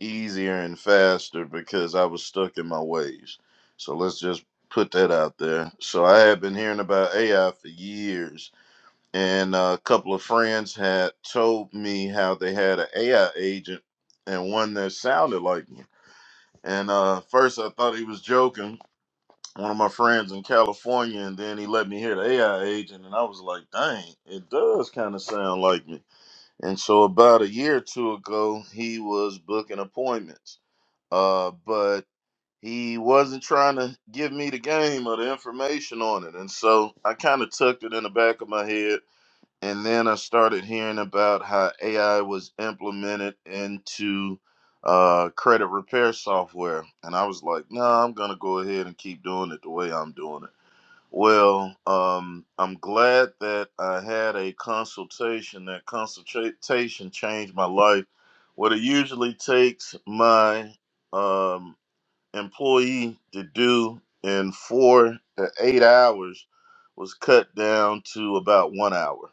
Speaker 2: easier and faster because I was stuck in my ways. So let's just put that out there. So I had been hearing about AI for years, and uh, a couple of friends had told me how they had an AI agent and one that sounded like me. And uh, first I thought he was joking, one of my friends in California, and then he let me hear the AI agent, and I was like, dang, it does kind of sound like me. And so about a year or two ago, he was booking appointments, uh, but he wasn't trying to give me the game or the information on it. And so I kind of tucked it in the back of my head. And then I started hearing about how AI was implemented into uh, credit repair software. And I was like, no, nah, I'm going to go ahead and keep doing it the way I'm doing it. Well, um, I'm glad that I had a consultation. That consultation changed my life. What it usually takes my um, employee to do in four to eight hours was cut down to about one hour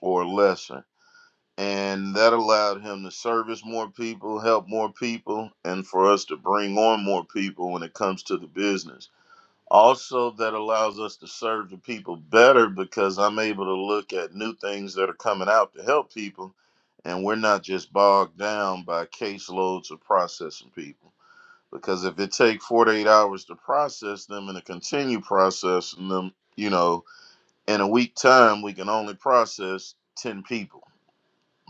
Speaker 2: or lesser. And that allowed him to service more people, help more people, and for us to bring on more people when it comes to the business also, that allows us to serve the people better because I'm able to look at new things that are coming out to help people, and we're not just bogged down by caseloads of processing people. Because if it takes 48 hours to process them and to continue processing them, you know, in a week time, we can only process 10 people.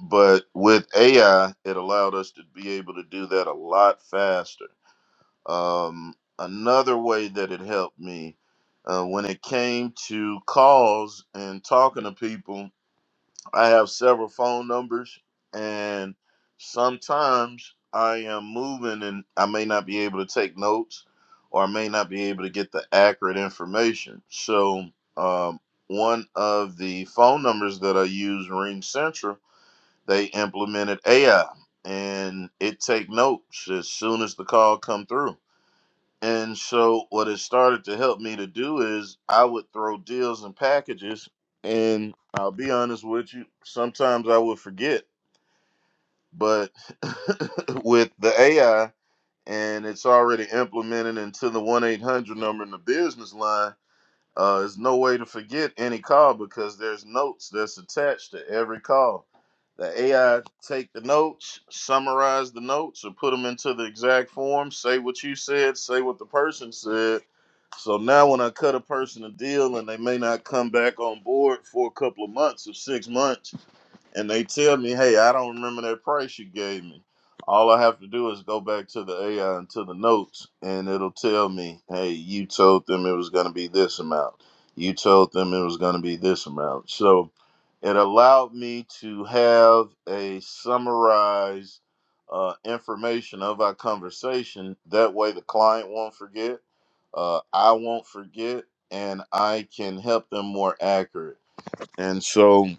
Speaker 2: But with AI, it allowed us to be able to do that a lot faster um, another way that it helped me uh, when it came to calls and talking to people, I have several phone numbers, and sometimes I am moving and I may not be able to take notes or I may not be able to get the accurate information. So, um, one of the phone numbers that I use, Ring Central, they implemented AI and it take notes as soon as the call come through and so what it started to help me to do is I would throw deals and packages and I'll be honest with you, sometimes I would forget, but with the AI and it's already implemented into the 1-800 number in the business line, uh, there's no way to forget any call because there's notes that's attached to every call. The AI take the notes, summarize the notes, or put them into the exact form. Say what you said, say what the person said. So now, when I cut a person a deal and they may not come back on board for a couple of months or six months, and they tell me, hey, I don't remember that price you gave me. All I have to do is go back to the AI and to the notes, and it'll tell me, hey, you told them it was going to be this amount. You told them it was going to be this amount. So it allowed me to have a summarized uh, information of our conversation. That way, the client won't forget, uh, I won't forget, and I can help them more accurate. And so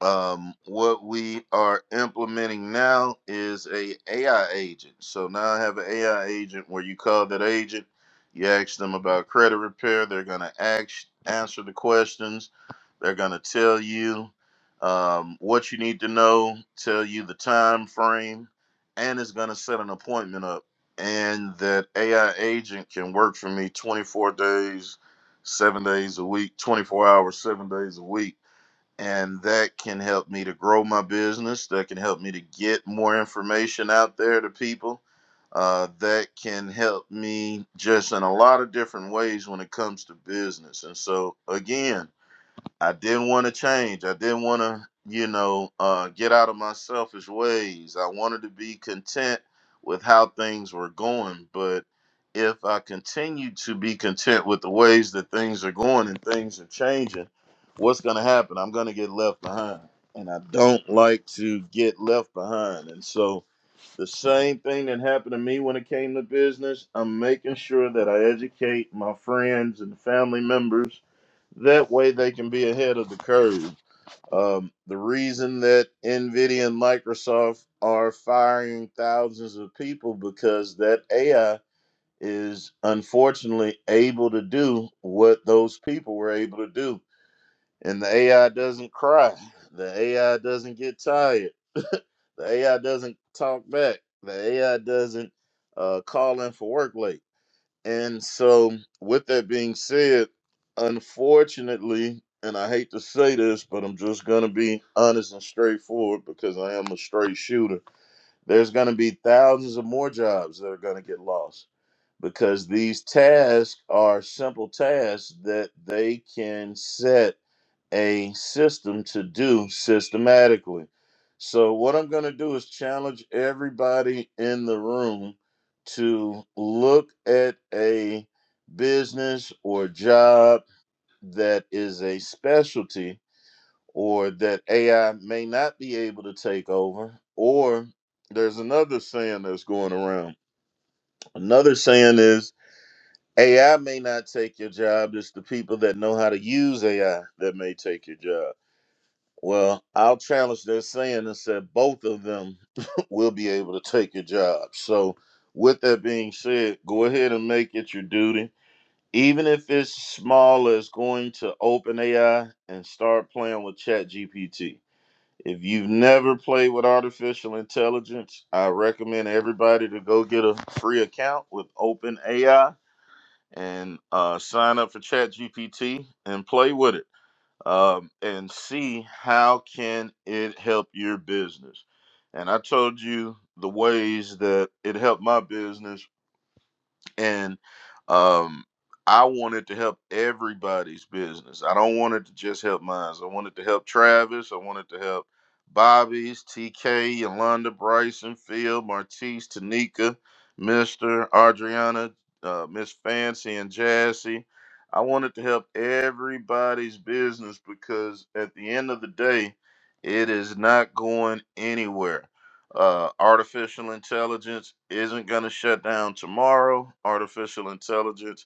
Speaker 2: um, what we are implementing now is a AI agent. So now I have an AI agent where you call that agent, you ask them about credit repair. They're gonna ask, answer the questions. They're gonna tell you um, what you need to know, tell you the time frame, and it's gonna set an appointment up. And that AI agent can work for me 24 days, seven days a week, 24 hours, seven days a week and that can help me to grow my business. That can help me to get more information out there to people. Uh, that can help me just in a lot of different ways when it comes to business. And so, again, I didn't want to change. I didn't want to, you know, uh, get out of my selfish ways. I wanted to be content with how things were going. But if I continue to be content with the ways that things are going and things are changing, what's going to happen? I'm going to get left behind. And I don't like to get left behind. And so the same thing that happened to me when it came to business, I'm making sure that I educate my friends and family members that way they can be ahead of the curve. Um, the reason that NVIDIA and Microsoft are firing thousands of people because that AI is unfortunately able to do what those people were able to do. And the AI doesn't cry. The AI doesn't get tired. The AI doesn't talk back. The AI doesn't uh, call in for work late and so, with that being said, unfortunately, and I hate to say this, but I'm just going to be honest and straightforward because I am a straight shooter. There's going to be thousands of more jobs that are going to get lost because these tasks are simple tasks that they can set a system to do systematically. So, what I'm going to do is challenge everybody in the room to look at a business or job that is a specialty or that AI may not be able to take over. Or there's another saying that's going around. Another saying is AI may not take your job, it's the people that know how to use AI that may take your job. Well, I'll challenge their saying and said both of them will be able to take your job. So, with that being said, go ahead and make it your duty. Even if it's small as going to OpenAI and start playing with ChatGPT. If you've never played with artificial intelligence, I recommend everybody to go get a free account with OpenAI and uh, sign up for ChatGPT and play with it um, and see how can it help your business. And I told you the ways that it helped my business and um I wanted to help everybody's business. I don't want it to just help mine. I wanted to help Travis. I wanted to help Bobby's, TK, Yolanda, Bryson, Phil, Martise, Tanika, Mister, Adriana, uh, Miss Fancy, and Jassy. I wanted to help everybody's business because at the end of the day, it is not going anywhere uh, artificial intelligence isn't going to shut down tomorrow. Artificial intelligence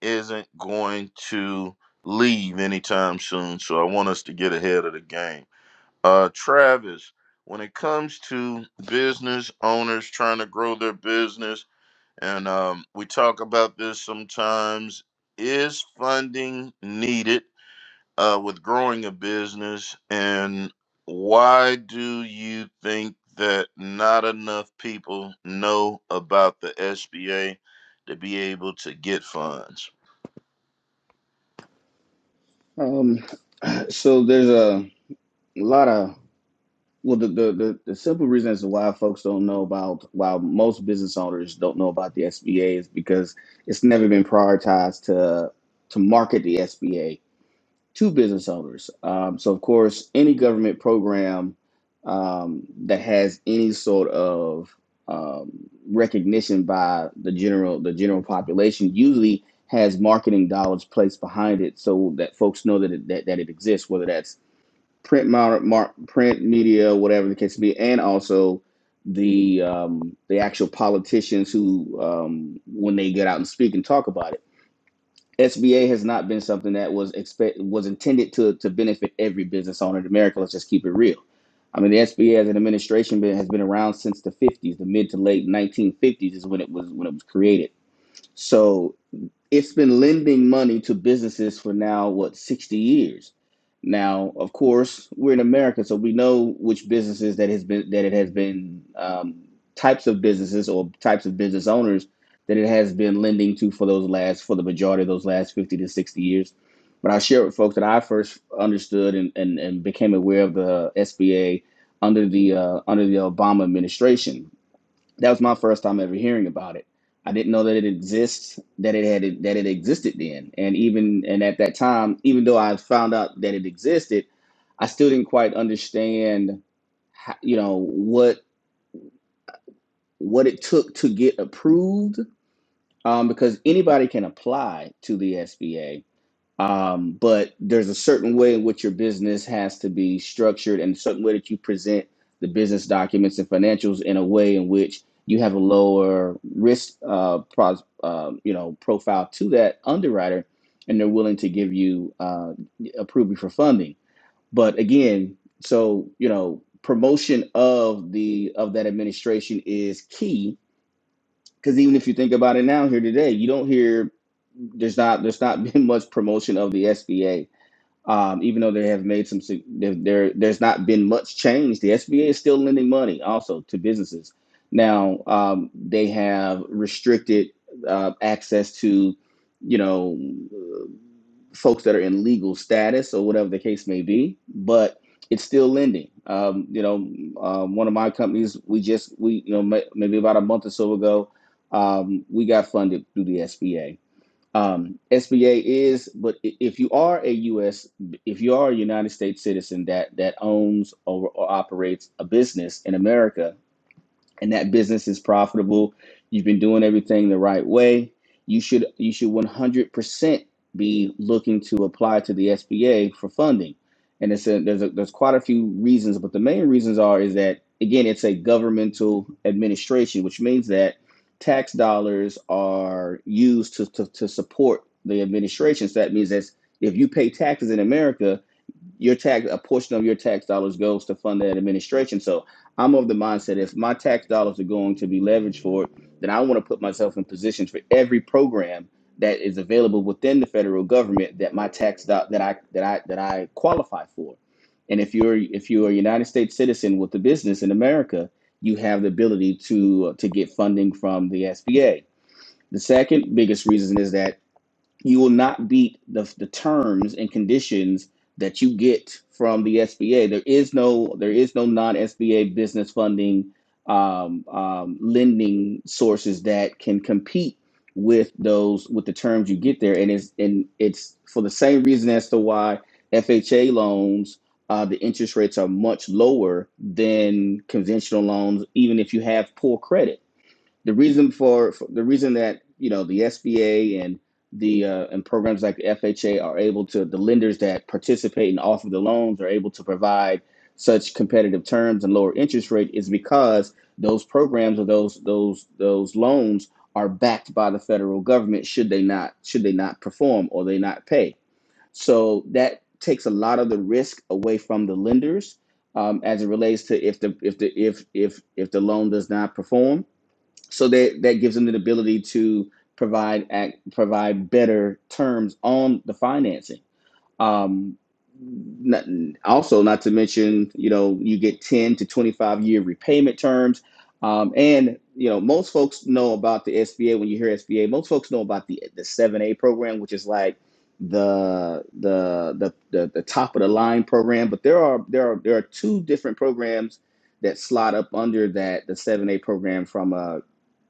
Speaker 2: isn't going to leave anytime soon. So I want us to get ahead of the game. Uh, Travis, when it comes to business owners trying to grow their business, and um, we talk about this sometimes, is funding needed? uh, with growing a business, and why do you think that not enough people know about the SBA to be able to get funds?
Speaker 1: Um, so there's a lot of well, the, the the the simple reason as to why folks don't know about why most business owners don't know about the SBA is because it's never been prioritized to to market the SBA to business owners. Um, so, of course, any government program um, that has any sort of um, recognition by the general the general population usually has marketing dollars placed behind it so that folks know that it, that, that it exists. Whether that's print mar- mar- print media, whatever the case may be, and also the um, the actual politicians who um, when they get out and speak and talk about it SBA has not been something that was expect was intended to to benefit every business owner in America. Let's just keep it real. I mean, the SBA as an administration been, has been around since the 50s, the mid to late 1950s is when it was when it was created. So it's been lending money to businesses for now what 60 years now of course we're in america so we know which businesses that has been that it has been um, types of businesses or types of business owners that it has been lending to for those last for the majority of those last 50 to 60 years but i share with folks that i first understood and, and, and became aware of the sba under the uh, under the obama administration that was my first time ever hearing about it. I didn't know that it exists, that it had that it existed then, and even and at that time, even though I found out that it existed, I still didn't quite understand, how, you know, what what it took to get approved, um, because anybody can apply to the SBA um, but there's a certain way in which your business has to be structured and a certain way that you present the business documents and financials in a way in which you have a lower risk, uh, pros, uh, you know, profile to that underwriter, and they're willing to give you uh, approve you for funding. But again, so you know, promotion of the of that administration is key because even if you think about it now here today, you don't hear there's not there's not been much promotion of the SBA um, even though they have made some, sig- there, there- there's not been much change. The SBA is still lending money also to businesses. Now um, they have restricted uh, access to, you know, uh, folks that are in legal status or whatever the case may be, but it's still lending. Um, you know, um, one of my companies, we just we you know ma- maybe about a month or so ago, um, we got funded through the SBA um, SBA is, but i- if you are a U.S. if you are a United States citizen that that owns or, or operates a business in America, and that business is profitable you've been doing everything the right way you should you should 100% be looking to apply to the SBA for funding and it's a, there's a, there's quite a few reasons but the main reasons are is that again it's a governmental administration which means that tax dollars are used to to, to support the administration so that means that if you pay taxes in America your tax a portion of your tax dollars goes to fund that administration. So I'm of the mindset if my tax dollars are going to be leveraged for it, then I want to put myself in positions for every program that is available within the federal government that my tax do- that I that I that I qualify for. And if you're if you're a United States citizen with a business in America, you have the ability to to get funding from the SBA. The second biggest reason is that you will not beat the, the terms and conditions that you get from the SBA. There is no there is no non SBA business funding um, um, lending sources that can compete with those with the terms you get there, and it's and it's for the same reason as to why FHA loans. Uh, the interest rates are much lower than conventional loans, even if you have poor credit the reason for, for the reason that you know the SBA and the uh, and programs like FHA are able to the lenders that participate and offer the loans are able to provide such competitive terms and lower interest rate is because those programs or those those those loans are backed by the federal government should they not should they not perform or they not pay so that takes a lot of the risk away from the lenders um, as it relates to if the if the if if if the loan does not perform so that that gives them the ability to provide act, provide better terms on the financing. Um, not, also, not to mention, you know, you get ten to twenty five year repayment terms, um, and you know, most folks know about the SBA. When you hear SBA, most folks know about the the seven A program, which is like the, the the the the top of the line program. But there are there are there are two different programs that slot up under that the seven A program from a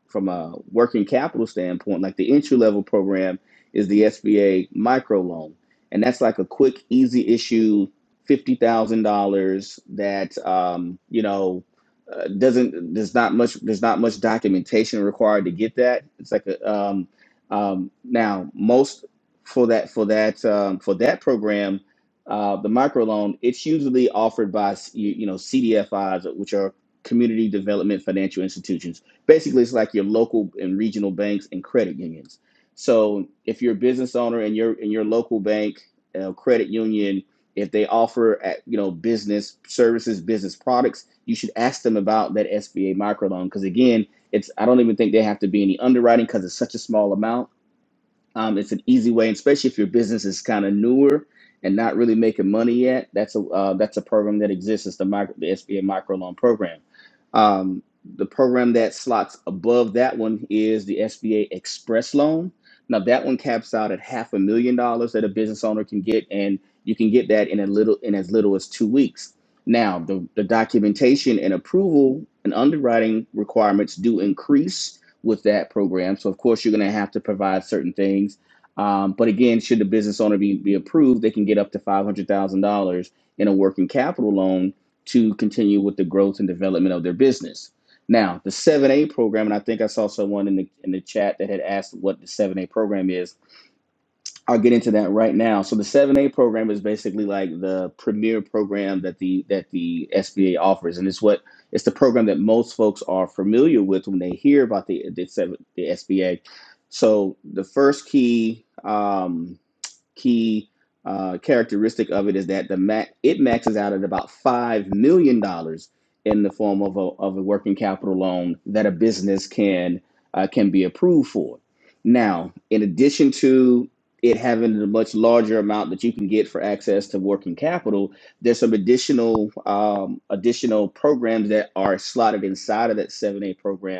Speaker 1: from a working capital standpoint, like the entry level program is the SBA micro loan, and that's like a quick, easy issue, fifty thousand dollars that um, you know uh, doesn't there's not much there's not much documentation required to get that. It's like a um, um, now most for that for that um, for that program. Uh, the microloan, it's usually offered by you, you know CDFIs, which are community development financial institutions basically it's like your local and regional banks and credit unions so if you're a business owner and your in your local bank uh, credit union if they offer uh, you know business services business products you should ask them about that sba microloan because again it's i don't even think they have to be any underwriting because it's such a small amount um, it's an easy way, and especially if your business is kind of newer and not really making money yet. That's a uh, that's a program that exists. It's the micro, the SBA microloan program. Um, the program that slots above that one is the SBA Express Loan. Now that one caps out at half a million dollars that a business owner can get, and you can get that in a little in as little as two weeks. Now the, the documentation and approval and underwriting requirements do increase with that program. So, of course, you're going to have to provide certain things. Um, but again, should the business owner be, be approved, they can get up to $500,000 in a working capital loan to continue with the growth and development of their business. Now, the 7A program, and I think I saw someone in the in the chat that had asked what the 7A program is I'll get into that right now. So the 7A program is basically like the premier program that the that the SBA offers, and it's what it's the program that most folks are familiar with when they hear about the the, 7, the SBA. So the first key, um, key uh, characteristic of it is that the ma- it maxes out at about five million dollars in the form of a, of a working capital loan that a business can uh, can be approved for. Now, in addition to it having a much larger amount that you can get for access to working capital, there's some additional um, additional programs that are slotted inside of that 7A program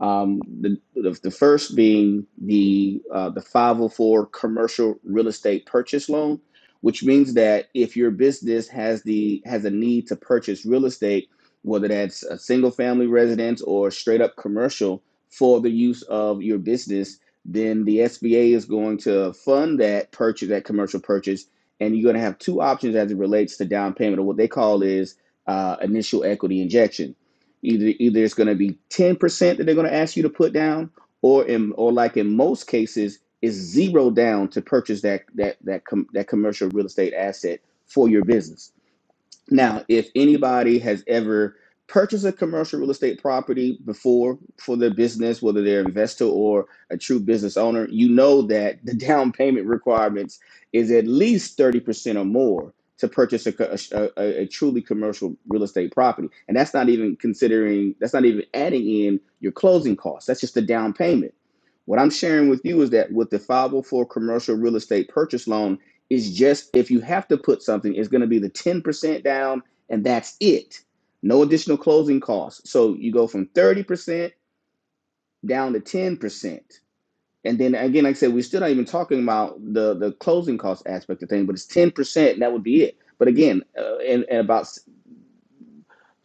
Speaker 1: um, the, the the first being the uh, the 504 commercial real estate purchase loan, which means that if your business has the has a need to purchase real estate, whether that's a single family residence or straight up commercial for the use of your business, then the SBA is going to fund that purchase, that commercial purchase, and you're going to have two options as it relates to down payment, or what they call is uh, initial equity injection Either either it's going to be ten percent that they're going to ask you to put down, or in or like in most cases, it's zero down to purchase that that that com, that commercial real estate asset for your business. Now, if anybody has ever purchased a commercial real estate property before for their business, whether they're an investor or a true business owner, you know that the down payment requirements is at least 30% or more to purchase a, co- a, a- a truly commercial real estate property. And that's not even considering, that's not even adding in your closing costs. That's just the down payment. What I'm sharing with you is that with the 504 commercial real estate purchase loan, it's just if you have to put something, it's going to be the 10% down and that's it. No additional closing costs. So you go from 30% down to 10%. And then again, like I said, we're still not even talking about the, the closing cost aspect of things, but it's 10% and that would be it. But again, uh, and, and about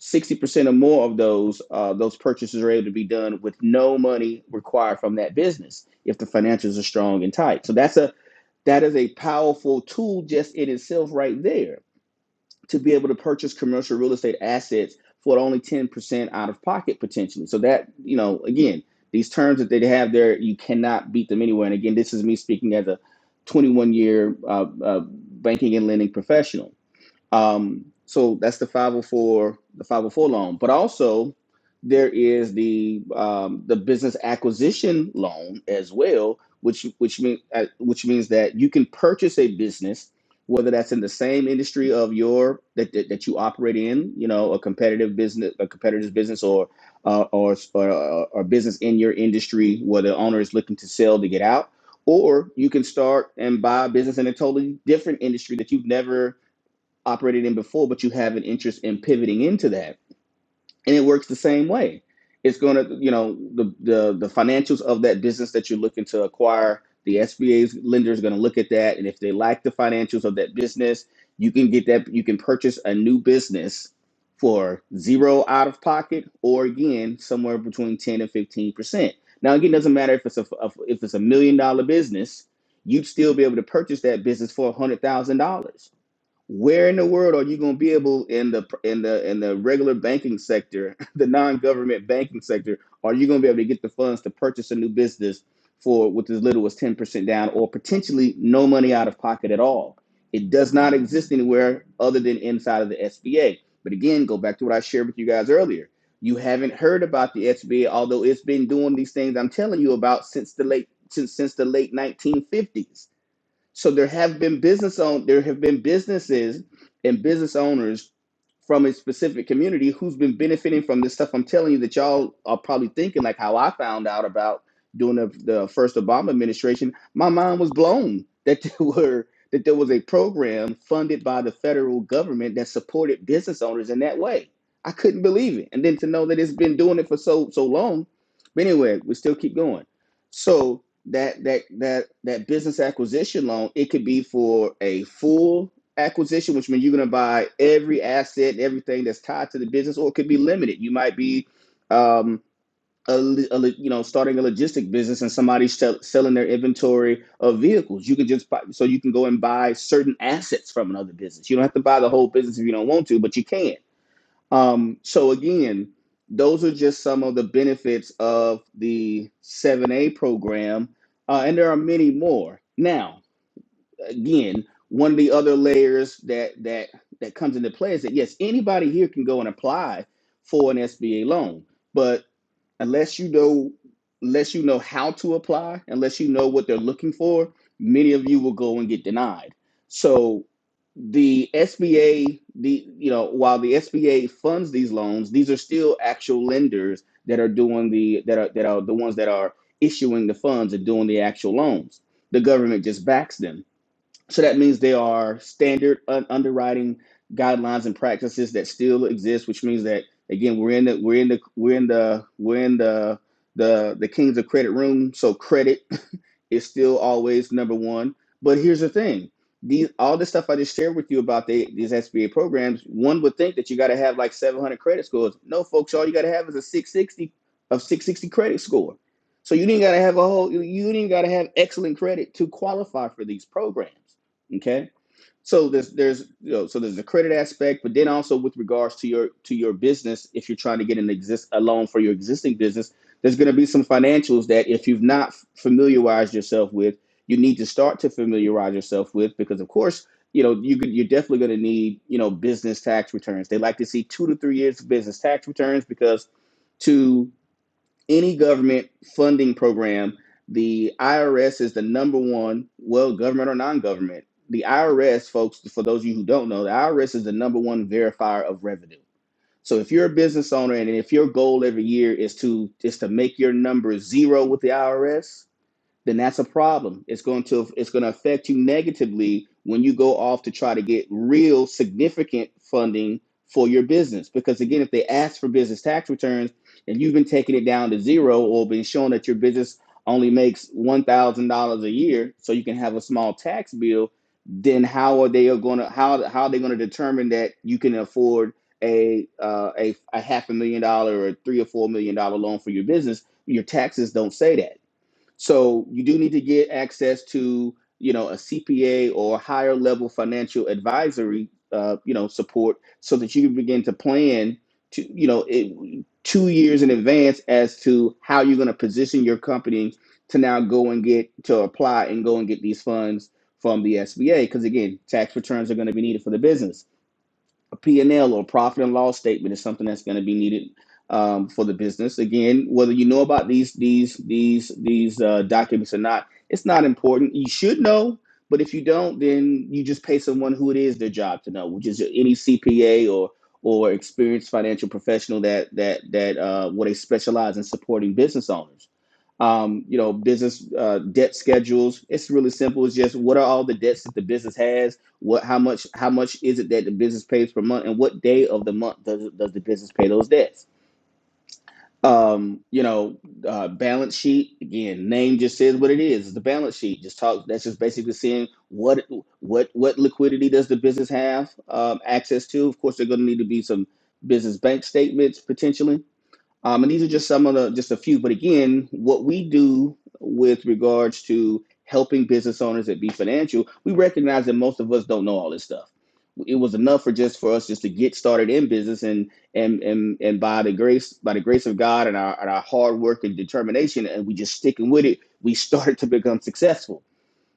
Speaker 1: 60% or more of those uh, those purchases are able to be done with no money required from that business if the financials are strong and tight. So that's a that is a powerful tool just in itself right there to be able to purchase commercial real estate assets for only 10% out of pocket potentially. So that, you know, again, these terms that they have there, you cannot beat them anywhere. And again, this is me speaking as a 21 year uh, uh, banking and lending professional. Um, so that's the 504, the 504 loan. But also there is the um, the business acquisition loan as well, which which mean, uh, which means that you can purchase a business, whether that's in the same industry of your that, that, that you operate in, you know, a competitive business, a competitor's business, or uh, or or, or business in your industry where the owner is looking to sell to get out, or you can start and buy a business in a totally different industry that you've never operated in before, but you have an interest in pivoting into that. And it works the same way. It's going to, you know, the, the the financials of that business that you're looking to acquire, the SBA's lender is going to look at that. And if they like the financials of that business, you can get that, you can purchase a new business for zero out of pocket or again, somewhere between 10 and 15%. Now, again, it doesn't matter if it's a, if it's a million dollar business, you'd still be able to purchase that business for $100,000 where in the world are you going to be able in the in the in the regular banking sector the non-government banking sector are you going to be able to get the funds to purchase a new business for with as little as 10% down or potentially no money out of pocket at all it does not exist anywhere other than inside of the sba but again go back to what i shared with you guys earlier you haven't heard about the sba although it's been doing these things i'm telling you about since the late since, since the late 1950s so there have been business own there have been businesses and business owners from a specific community who's been benefiting from this stuff. I'm telling you that y'all are probably thinking like how I found out about during the, the first Obama administration. My mind was blown that there were that there was a program funded by the federal government that supported business owners in that way. I couldn't believe it, and then to know that it's been doing it for so so long. But anyway, we still keep going. So that that that that business acquisition loan it could be for a full acquisition which means you're going to buy every asset and everything that's tied to the business or it could be limited you might be um a, a you know starting a logistic business and somebody's sell, selling their inventory of vehicles you could just buy so you can go and buy certain assets from another business you don't have to buy the whole business if you don't want to but you can um, so again, those are just some of the benefits of the 7A program, uh, and there are many more. Now, again, one of the other layers that that that comes into play is that yes, anybody here can go and apply for an SBA loan, but unless you know unless you know how to apply, unless you know what they're looking for, many of you will go and get denied. So the SBA, the you know, while the SBA funds these loans, these are still actual lenders that are doing the that are that are the ones that are issuing the funds and doing the actual loans. The government just backs them. So that means they are standard un- underwriting guidelines and practices that still exist, which means that again we're in the we're in the we're in the we're in the the the kings of credit room. So credit is still always number one. But here's the thing: these all the stuff I just shared with you about the, these SBA programs. One would think that you got to have like 700 credit scores. No, folks, all you got to have is a 660 of 660 credit score. So you didn't got to have a whole. You you didn't got to have excellent credit to qualify for these programs. Okay. So there's there's you know so there's the credit aspect, but then also with regards to your to your business, if you're trying to get an exist a loan for your existing business there's going to be some financials that if you've not familiarized yourself with you need to start to familiarize yourself with because of course you know you could, you're definitely going to need you know business tax returns they like to see two to three years of business tax returns because to any government funding program the irs is the number one well government or non-government the irs folks for those of you who don't know the irs is the number one verifier of revenue so if you're a business owner and if your goal every year is to is to make your number zero with the IRS, then that's a problem. It's going to it's going to affect you negatively when you go off to try to get real significant funding for your business. Because again, if they ask for business tax returns and you've been taking it down to zero or been shown that your business only makes one thousand dollars a year, so you can have a small tax bill, then how are they going to how how are they going to determine that you can afford a uh, a a half a million dollar or three or four million dollar loan for your business? Your taxes don't say that. So you do need to get access to you know a CPA or higher level financial advisory uh, you know support so that you can begin to plan to you know it, two years in advance as to how you're going to position your company to now go and get to apply and go and get these funds from the SBA because again tax returns are going to be needed for the business a P&L or profit and loss statement is something that's going to be needed um, for the business. Again, whether you know about these these these these uh, documents or not, it's not important. You should know, but if you don't, then you just pay someone who it is their job to know, which is any CPA or or experienced financial professional that that that uh, what they specialize in supporting business owners. Um, you know, business uh, debt schedules. It's really simple. It's just what are all the debts that the business has what how much how much is it that the business pays per month, and what day of the month does does the business pay those debts? Um, you know, uh, balance sheet again. Name just says what it is. It's the balance sheet. Just talk. That's just basically seeing what what what liquidity does the business have um, access to. Of course, they're going to need to be some business bank statements potentially um, and these are just some of the, just a few. But again, what we do with regards to helping business owners that be financial, we recognize that most of us don't know all this stuff. It was enough for just for us just to get started in business, and and and and by the grace by the grace of God and our and our hard work and determination, and we just sticking with it, we started to become successful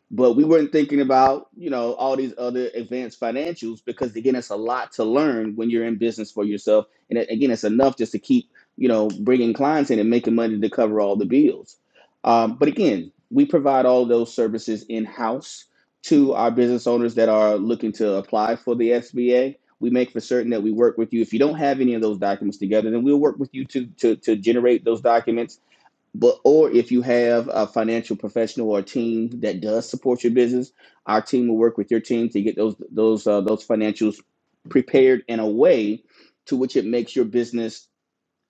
Speaker 1: but we weren't thinking about you know all these other advanced financials because again it's a lot to learn when you're in business for yourself and it- again it's enough just to keep you know bringing clients in and making money to cover all the bills um, but again we provide all those services in house to our business owners that are looking to apply for the sba we make for certain that we work with you if you don't have any of those documents together then we'll work with you to to, to generate those documents but or if you have a financial professional or a team that does support your business, our team will work with your team to get those those uh, those financials prepared in a way to which it makes your business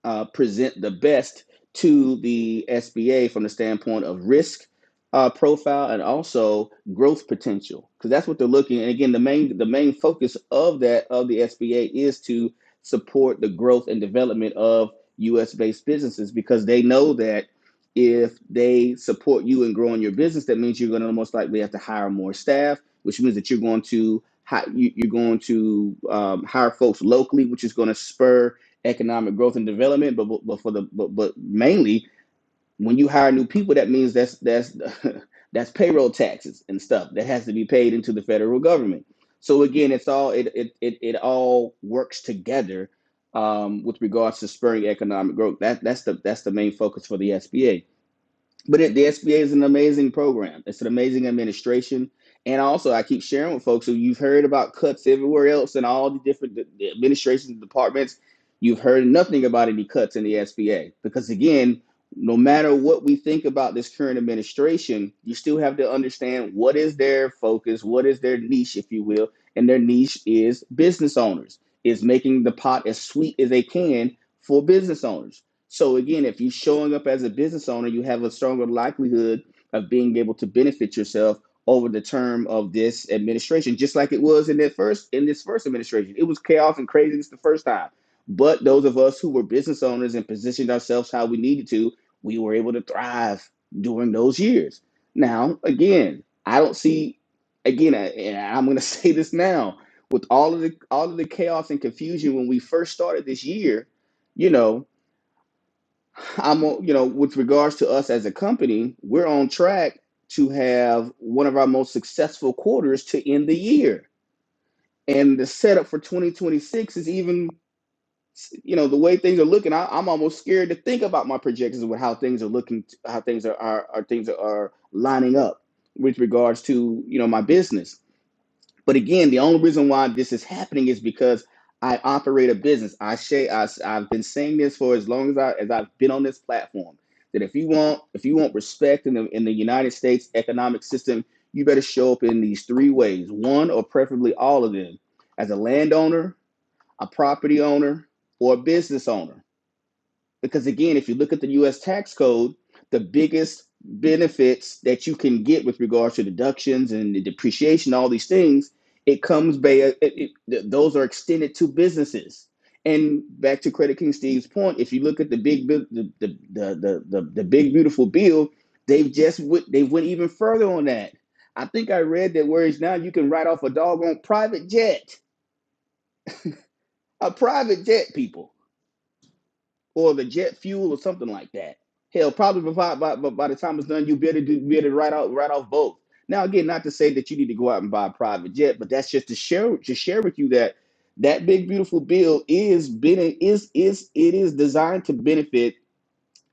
Speaker 1: uh, present the best to the SBA from the standpoint of risk uh, profile and also growth potential, because that's what they're looking. And again, the main the main focus of that of the SBA is to support the growth and development of U.S. based businesses, because they know that if they support you in growing your business, that means you're going to most likely have to hire more staff, which means that you're going to hi- you- you're going to um, hire folks locally, which is going to spur economic growth and development, but but, but for the but, but mainly when you hire new people, that means that's that's that's payroll taxes and stuff that has to be paid into the federal government. So again, it's all it it it, it all works together um, with regards to spurring economic growth. That that's the that's the main focus for the SBA. But it, the SBA is an amazing program. It's an amazing administration. And also, I keep sharing with folks who you've heard about cuts everywhere else in all the different d- the administrations and departments. You've heard nothing about any cuts in the SBA because, again, no matter what we think about this current administration, you still have to understand what is their focus, what is their niche, if you will. And their niche is business owners, is making the pot as sweet as they can for business owners so again, if you're showing up as a business owner, you have a stronger likelihood of being able to benefit yourself over the term of this administration, just like it was in that first in this first administration. It was chaos and craziness the first time. But those of us who were business owners and positioned ourselves how we needed to, we were able to thrive during those years. Now, again, I don't see again, I- and I'm going to say this now, with all of the all of the chaos and confusion when we first started this year, you know, I'm, you know, with regards to us as a company, we're on track to have one of our most successful quarters to end the year. And the setup for 2026 is even, you know, the way things are looking. I, I'm almost scared to think about my projections with how things are looking, how things are, are, are things are lining up with regards to, you know, my business but again, the only reason why this is happening is because I operate a business. I say I, have been saying this for as long as I as I've been on this platform that if you want if you want respect in the in the United States economic system, you better show up in these three ways. One or preferably all of them, as a landowner, a property owner, or a business owner. Because again, if you look at the US tax code, the biggest benefits that you can get with regards to deductions and the depreciation, all these things, it comes by it, it, those are extended to businesses. And back to Credit King Steve's point, if you look at the big the the the the, the, the big beautiful bill, they've just they went even further on that. I think I read that whereas now you can write off a doggone private jet, a private jet, people or the jet fuel or something like that. Hell, probably by, by, by the time it's done, you'll be able to do, be able to write out write off both. Now again, not to say that you need to go out and buy a private jet, but that's just to share to share with you that that big beautiful bill is bene- is is it is designed to benefit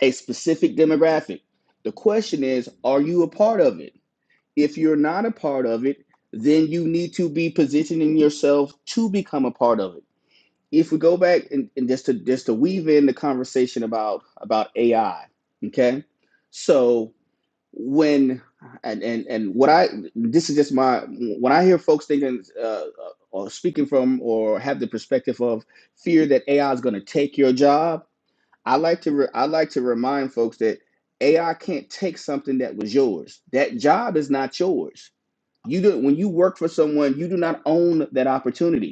Speaker 1: a specific demographic. The question is, are you a part of it? If you're not a part of it, then you need to be positioning yourself to become a part of it if we go back and, and just to just to weave in the conversation about about AI, okay? So when and and and what I this is just my when I hear folks thinking uh, or speaking from or have the perspective of fear that AI is going to take your job, I like to re- I like to remind folks that AI can't take something that was yours. That job is not yours. You do when you work for someone, you do not own that opportunity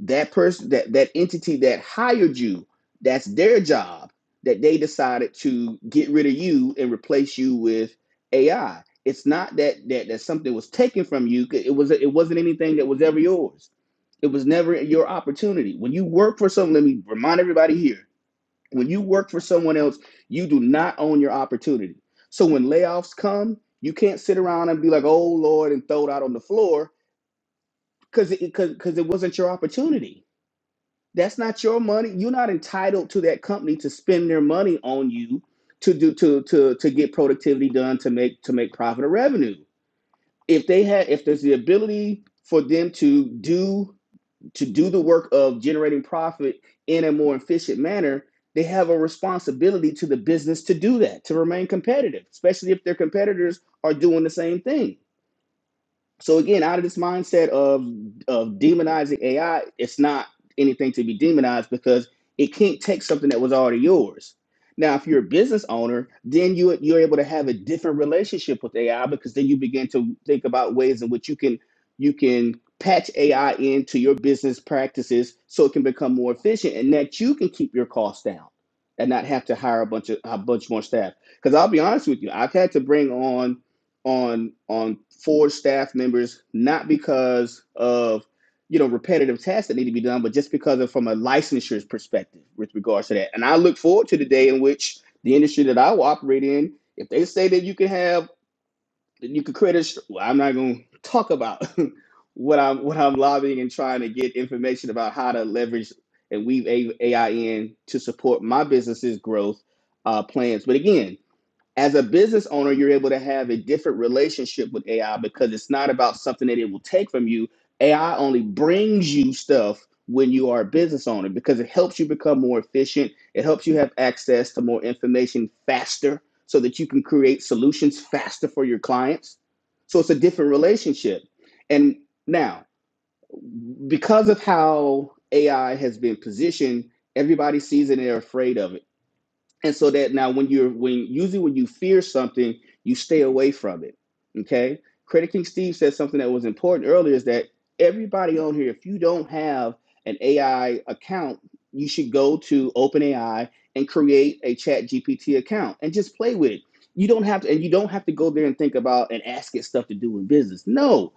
Speaker 1: that person that that entity that hired you that's their job that they decided to get rid of you and replace you with ai it's not that that that something was taken from you. it was it wasn't anything that was ever yours it was never your opportunity when you work for someone let me remind everybody here when you work for someone else you do not own your opportunity so when layoffs come you can't sit around and be like oh lord and throw it out on the floor because it because it wasn't your opportunity that's not your money. You're not entitled to that company to spend their money on you to do to to to get productivity done to make to make profit or revenue. If they had if there's the ability for them to do to do the work of generating profit in a more efficient manner, they have a responsibility to the business to do that, to remain competitive, especially if their competitors are doing the same thing so again out of this mindset of of demonizing ai it's not anything to be demonized because it can't take something that was already yours now if you're a business owner then you you're able to have a different relationship with ai because then you begin to think about ways in which you can you can patch ai into your business practices so it can become more efficient and that you can keep your costs down and not have to hire a bunch of a bunch more staff because i'll be honest with you i've had to bring on on on Ford staff members, not because of you know repetitive tasks that need to be done, but just because of from a licensure perspective with regards to that. And I look forward to the day in which the industry that I will operate in, if they say that you can have that you can create a, well, I'm not going to talk about what I'm what I'm lobbying and trying to get information about how to leverage and weave AI in to support my business's growth uh, plans. But again, as a business owner, you're able to have a different relationship with AI because it's not about something that it will take from you. AI only brings you stuff when you are a business owner because it helps you become more efficient. It helps you have access to more information faster so that you can create solutions faster for your clients. So it's a different relationship. And now, because of how AI has been positioned, everybody sees it and they're afraid of it and so that now when you're when usually when you fear something you stay away from it okay credit king steve said something that was important earlier is that everybody on here if you don't have an ai account you should go to openai and create a chat gpt account and just play with it you don't have to and you don't have to go there and think about and ask it stuff to do in business no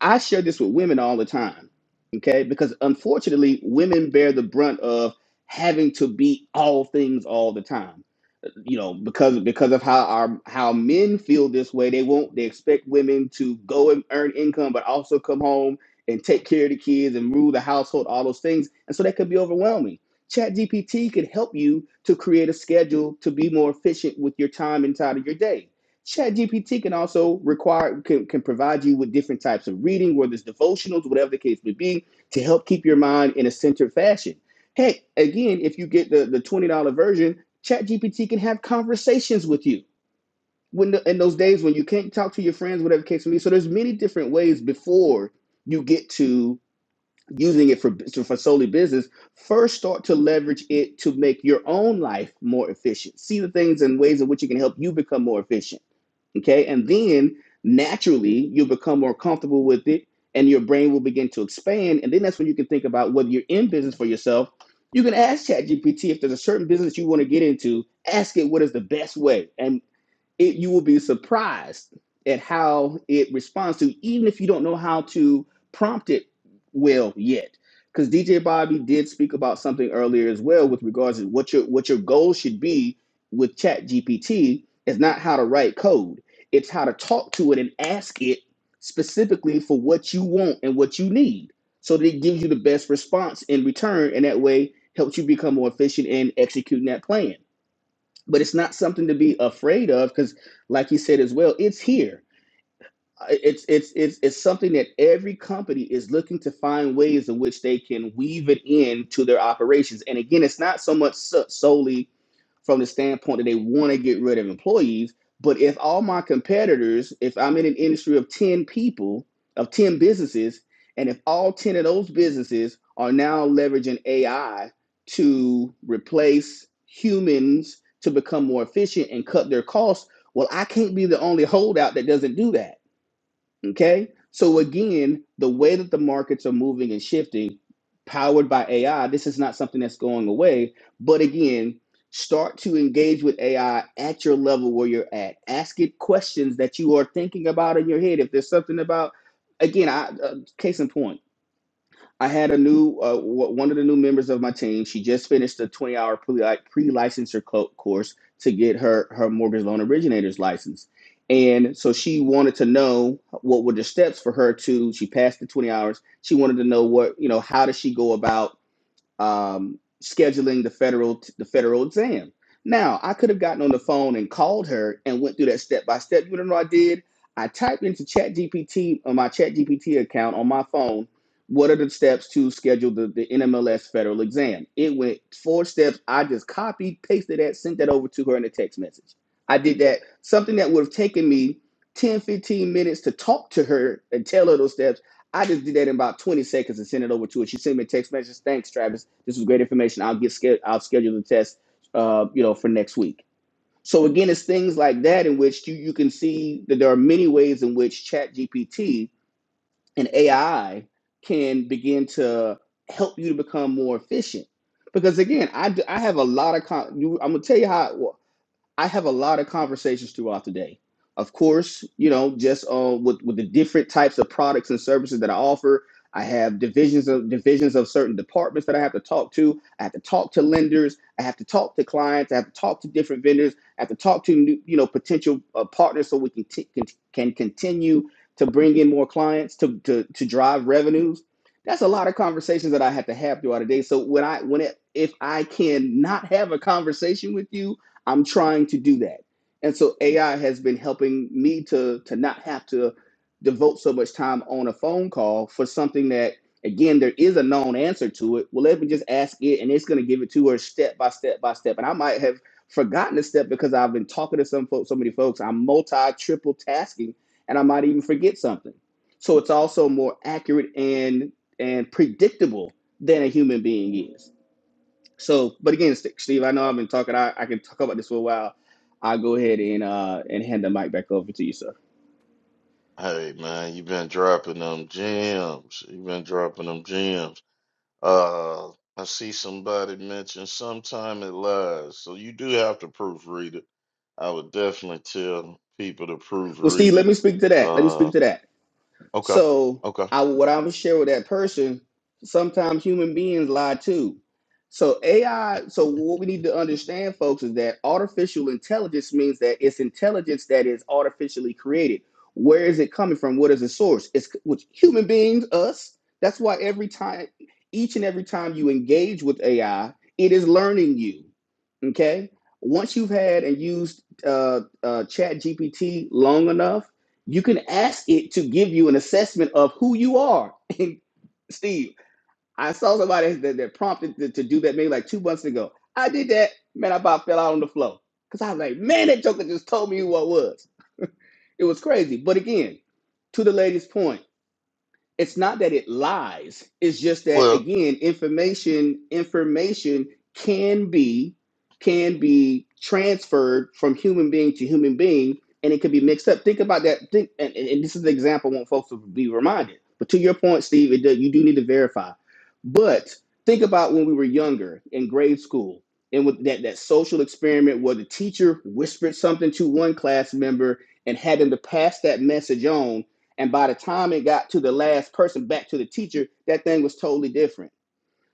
Speaker 1: i share this with women all the time okay because unfortunately women bear the brunt of having to be all things all the time you know because because of how our how men feel this way they won't they expect women to go and earn income but also come home and take care of the kids and rule the household all those things and so that could be overwhelming ChatGPT gpt could help you to create a schedule to be more efficient with your time inside of your day ChatGPT can also require can, can provide you with different types of reading whether it's devotionals whatever the case may be to help keep your mind in a centered fashion heck again if you get the the $20 version ChatGPT can have conversations with you when the, in those days when you can't talk to your friends, whatever case may be. So there's many different ways before you get to using it for so for solely business, first start to leverage it to make your own life more efficient. See the things and ways in which it can help you become more efficient. Okay, and then naturally you'll become more comfortable with it, and your brain will begin to expand. And then that's when you can think about whether you're in business for yourself. You can ask ChatGPT if there's a certain business you want to get into. Ask it what is the best way, And it you will be surprised at how it responds to even if you don't know how to prompt it well yet because dj bobby did speak about something earlier as well with regards to what your what your goal should be with chat gpt is not how to write code it's how to talk to it and ask it specifically for what you want and what you need so that it gives you the best response in return and that way helps you become more efficient in executing that plan but it's not something to be afraid of because like you said as well it's here Uh, it's it's it's it's something that every company is looking to find ways in which they can weave it in to their operations and again it's not so much so- solely from the standpoint that they want to get rid of employees. But if all my competitors, if I'm in an industry of 10 people, of 10 businesses, and if all 10 of those businesses are now leveraging AI to replace humans to become more efficient and cut their costs, well, I can't be the only holdout that doesn't do that Okay. So again, the way that the markets are moving and shifting, powered by AI, this is not something that's going away. But again, start to engage with AI at your level where you're at. Ask it questions that you are thinking about in your head. If there's something about, again, I, uh, case in point. I had a new uh, w- one of the new members of my team. She just finished a 20-hour pre pre licensure co- course to get her her mortgage loan originator's license, and so she wanted to know what were the steps for her to. She passed the 20 hours. She wanted to know what you know. How does she go about? um, scheduling the federal the federal exam. Now, I could have gotten on the phone and called her and went through that step by step. You want to know what I did? I typed into ChatGPT on my ChatGPT account on my phone. What are the steps to schedule the, the NMLS federal exam? It went four steps. I just copied, pasted that, sent that over to her in a text message. I did that, something that would have taken me 10 15 minutes to talk to her and tell her those steps. I just did that in about 20 seconds and sent it over to her. She sent me a text message. Thanks, Travis. This was great information. I'll get scheduled. I'll schedule the test, uh, you know, for next week. So again, it's things like that in which you, you can see that there are many ways in which Chat GPT and AI can begin to help you to become more efficient. Because again, I I have a lot of con- I'm gonna tell you how. well, I have a lot of conversations throughout the day. Of course, you know, just uh, with with the different types of products and services that I offer. I have divisions of divisions of certain departments that I have to talk to. I have to talk to lenders. I have to talk to clients. I have to talk to different vendors. I have to talk to new, you know potential uh, partners so we can, t- can can continue to bring in more clients to to to drive revenues. That's a lot of conversations that I have to have throughout the day. So when I when it, if I can not have a conversation with you I'm trying to do that. And so AI has been helping me to to not have to devote so much time on a phone call for something that again there is a known answer to it. Well, let me just ask it and it's going to give it to her step by step by step. And I might have forgotten a step because I've been talking to some folks, so many folks. I'm multi triple tasking and I might even forget something. So it's also more accurate and and predictable than a human being is. So, but again, Steve, I know I've been talking. I, I can talk about this for a while. I'll go ahead and uh, and hand the mic back over to you, sir.
Speaker 2: Hey man, you've been dropping them gems. You've been dropping them gems. Uh, I see somebody mention sometime it lies, so you do have to proofread it. I would definitely tell people to
Speaker 1: Well, Steve,
Speaker 2: proofread
Speaker 1: let
Speaker 2: it.
Speaker 1: me speak to that. Let me
Speaker 2: Uh,
Speaker 1: speak to that.
Speaker 2: okay,
Speaker 1: So
Speaker 2: okay.
Speaker 1: I what I would share with that person, sometimes human beings lie too. So AI, so what we need to understand, folks, is that artificial intelligence means that it's intelligence that is artificially created. Where is it coming from? What is the source? It's with human beings, us. That's why every time, each and every time you engage with AI, it is learning you. Okay. Once you've had and used uh, uh, Chat GPT long enough, you can ask it to give you an assessment of who you are. And Steve, I saw somebody that, that prompted to, to do that maybe like two months ago. I did that, man. I about fell out on the floor because I was like, man, that joker just told me who I was. It was crazy. But again, to the lady's point it's not that it lies it's just that
Speaker 2: Well,
Speaker 1: again information information can be can be transferred from human being to human being and it can be mixed up think about that think and, and and this is the example i want folks to be reminded but to your point steve it does, you do need to verify but think about when we were younger in grade school and with that, that social experiment where the teacher whispered something to one class member and had them to pass that message on and by the time it got to the last person back to the teacher, that thing was totally different.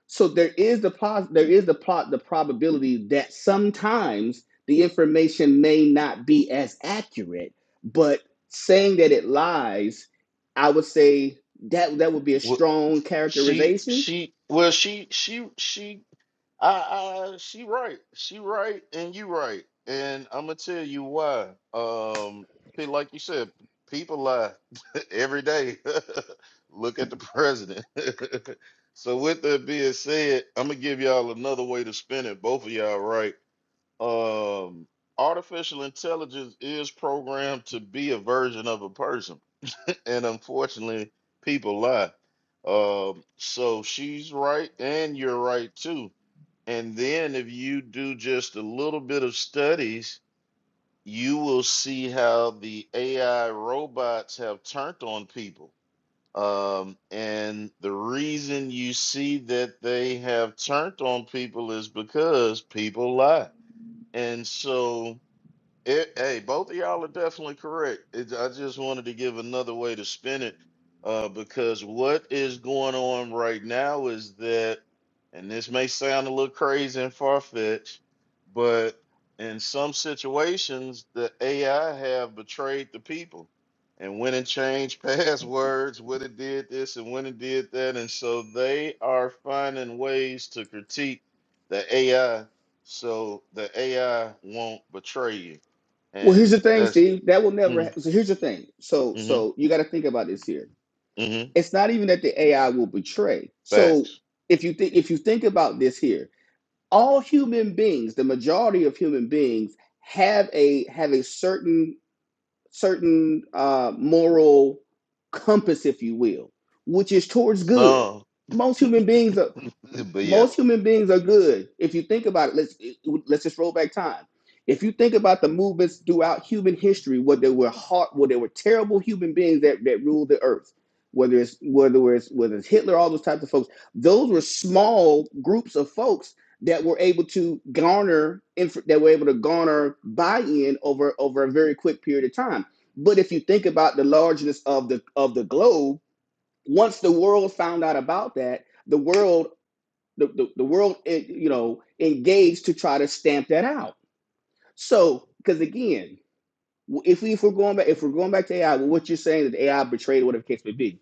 Speaker 1: So there is the pos- there is the plot the probability that sometimes the information may not be as accurate, but saying that it lies, I would say that that would be a
Speaker 2: wh
Speaker 1: strong
Speaker 2: She
Speaker 1: characterization.
Speaker 2: she well she she she I I she right. She right and you right. And I'm gonna tell you why. Um pe- like you said, people lie every day. Look at the president. So with that being said, I'm gonna give y'all another way to spin it. Both of y'all right. Um artificial intelligence is programmed to be a version of a person and unfortunately, people lie. Um, so she's right, and you're right too. And then if you do just a little bit of studies, you will see how the AI robots have turned on people. Um, and the reason you see that they have turned on people is because people lie. And so it, hey, both of y'all are definitely correct. It, I just wanted to give another way to spin it uh, because what is going on right now is that, and this may sound a little crazy and far fetched, but in some situations, the AI have betrayed the people and went and changed passwords when it did this and when it did that. And so they are finding ways to critique the AI so the AI won't betray you
Speaker 1: Well, here's
Speaker 2: and
Speaker 1: the thing,
Speaker 2: that's
Speaker 1: Steve. That will never. Ha-
Speaker 2: mm,
Speaker 1: so here's the thing. So
Speaker 2: mm
Speaker 1: so you got to think about this here.
Speaker 2: mm
Speaker 1: It's not even that the AI will betray. So
Speaker 2: facts.
Speaker 1: if you think if you think about this here, all human beings, the majority of human beings, have a have a certain certain uh, moral compass, if you will, which is towards good.
Speaker 2: So,
Speaker 1: Most human beings, are,
Speaker 2: but yeah.
Speaker 1: most human beings are good. If you think about it, let's let's just roll back time. If you think about the movements throughout human history, where there were hard, where there were terrible human beings that, that ruled the earth, whether it's whether it's whether it's Hitler, all those types of folks, those were small groups of folks that were able to garner inf- that were able to garner buy-in over over a very quick period of time. But if you think about the largeness of the of the globe, once the world found out about that, the world the, the, the world eh, you know engaged to try to stamp that out so because again if we if we're going back if we're going back to ai well, what you're saying is ai betrayed whatever the case may be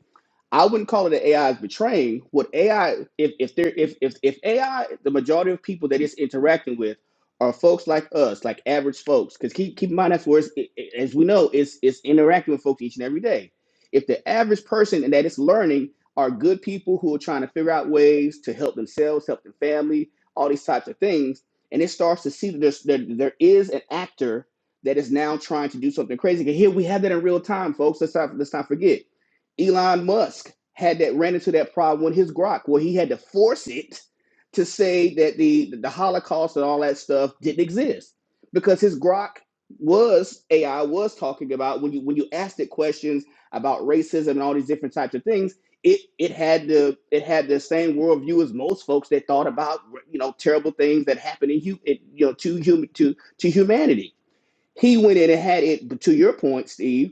Speaker 1: I wouldn't call it that AI is betraying. What AI, if if there, if if if AI, the majority of people that it's interacting with are folks like us, like average folks. Because keep keep in mind that's where it's, it, it- as we know, it's it's interacting with folks each and every day. If the average person and that it's learning are good people who are trying to figure out ways to help themselves, help their family, all these types of things, and it starts to see that there's, there there is an actor that is now trying to do something crazy. And here we have that in real time, folks. Let's not let's not forget Elon Musk had that ran into that problem with his Grok, where he had to force it to say that the the Holocaust and all that stuff didn't exist because his Grok was AI was talking about when you when you asked it questions about racism and all these different types of things. It, it had the it had the same worldview as most folks that thought about you know terrible things that happen in hu- it, you know to human to to humanity. He went in and had it to your point, Steve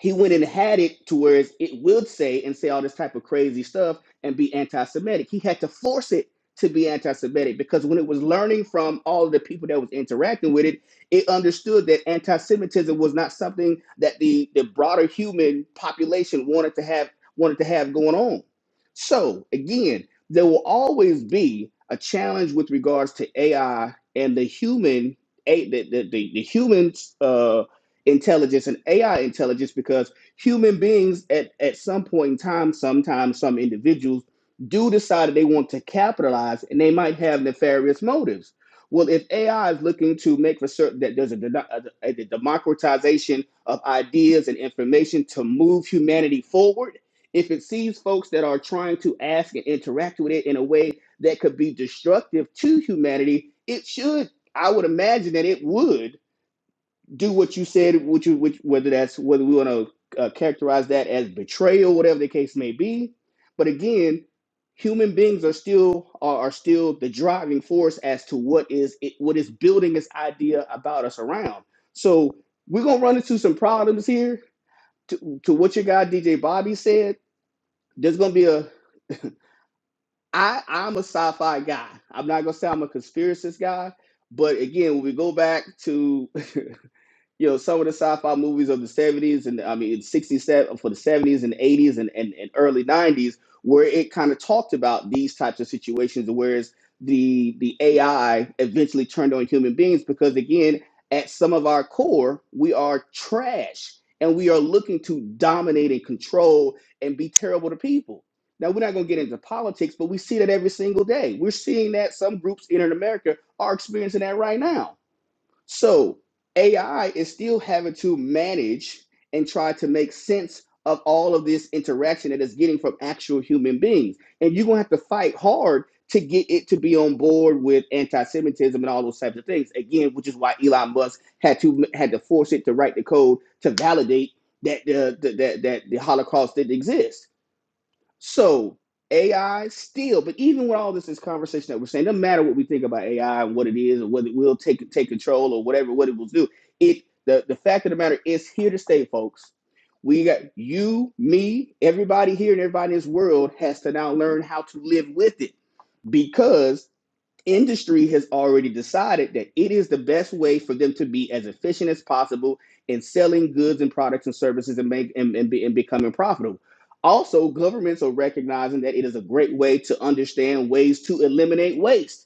Speaker 1: he went and had it to where it would say and say all this type of crazy stuff and be anti-Semitic. He had to force it to be anti-Semitic because when it was learning from all the people that was interacting with it, it understood that anti-Semitism was not something that the the broader human population wanted to have wanted to have going on. So again, there will always be a challenge with regards to AI and the human a the the, the, the human uh, intelligence and AI intelligence because human beings at, at some point in time, sometimes some individuals do decide that they want to capitalize and they might have nefarious motives. Well, if AI is looking to make for certain that there's a, a, a democratization of ideas and information to move humanity forward, if it sees folks that are trying to ask and interact with it in a way that could be destructive to humanity, it should, I would imagine that it would do what you said, what you, which, whether that's whether we want to uh, characterize that as betrayal, whatever the case may be. But again, human beings are still are, are still the driving force as to what is it, what is building this idea about us around. So we're gonna run into some problems here. To, to what your guy DJ Bobby said, there's gonna be a I I'm a sci-fi guy. I'm not gonna say I'm a conspiracist guy, but again, when we go back to you know some of the sci-fi movies of the 70s and i mean 60s for the 70s and 80s and, and, and early 90s where it kind of talked about these types of situations whereas the the ai eventually turned on human beings because again at some of our core we are trash and we are looking to dominate and control and be terrible to people now we're not going to get into politics but we see that every single day we're seeing that some groups in america are experiencing that right now so AI is still having to manage and try to make sense of all of this interaction that it's getting from actual human beings. And you're gonna have to fight hard to get it to be on board with anti-Semitism and all those types of things. Again, which is why Elon Musk had to had to force it to write the code to validate that the, the that that the Holocaust didn't exist so AI still, but even with all this, this conversation that we're saying, doesn't matter what we think about AI and what it is, or whether it will take take control or whatever what it will do. It the the fact of the matter is here to stay, folks. We got you, me, everybody here, and everybody in this world has to now learn how to live with it because industry has already decided that it is the best way for them to be as efficient as possible in selling goods and products and services and make and, and, be, and becoming profitable. Also, governments are recognizing that it is a great way to understand ways to eliminate waste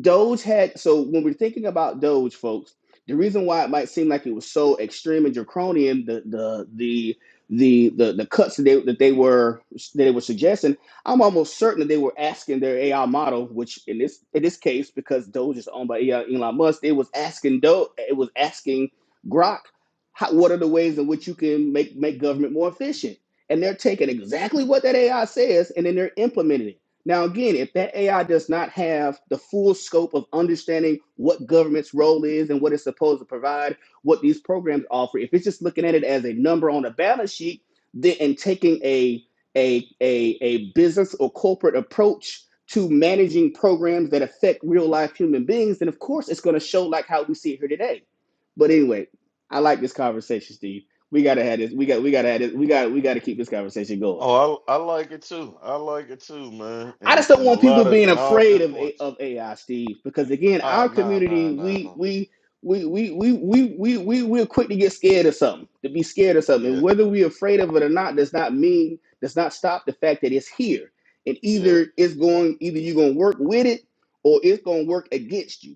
Speaker 1: Doge had so when we're thinking about Doge, folks, the reason why it might seem like it was so extreme and draconian, the the the the the, the cuts that they that they were that they were suggesting, I'm almost certain that they were asking their AI model, which in this in this case, because Doge is owned by Elon Elon Musk, they was asking Doge, it was asking Grok, how, what are the ways in which you can make make government more efficient? And they're taking exactly what that AI says, and then they're implementing it now, again, if that AI does not have the full scope of understanding what government's role is and what it's supposed to provide, what these programs offer, if it's just looking at it as a number on a balance sheet, then and taking a a a, a business or corporate approach to managing programs that affect real life human beings, then of course it's going to show like how we see it here today. But anyway, I like this conversation, Steve. We gotta have this. We got. We gotta have this. We got. We gotta keep this conversation going.
Speaker 2: Oh, I, I like it too. I like it too, man.
Speaker 1: I
Speaker 2: And
Speaker 1: just don't
Speaker 2: and a
Speaker 1: want people
Speaker 2: lot of
Speaker 1: being
Speaker 2: and all
Speaker 1: afraid
Speaker 2: good
Speaker 1: of A-
Speaker 2: points.
Speaker 1: of AI, Steve, because again,
Speaker 2: Ah,
Speaker 1: our
Speaker 2: nah, nah,
Speaker 1: community,
Speaker 2: nah,
Speaker 1: we
Speaker 2: nah.
Speaker 1: we we we we we we we we're quick to get scared of something, to be scared of something,
Speaker 2: Yeah,
Speaker 1: and whether we're afraid of it or not does not mean does not stop the fact that it's here, and
Speaker 2: yeah.
Speaker 1: either it's going either you're going to work with it or it's going to work against you.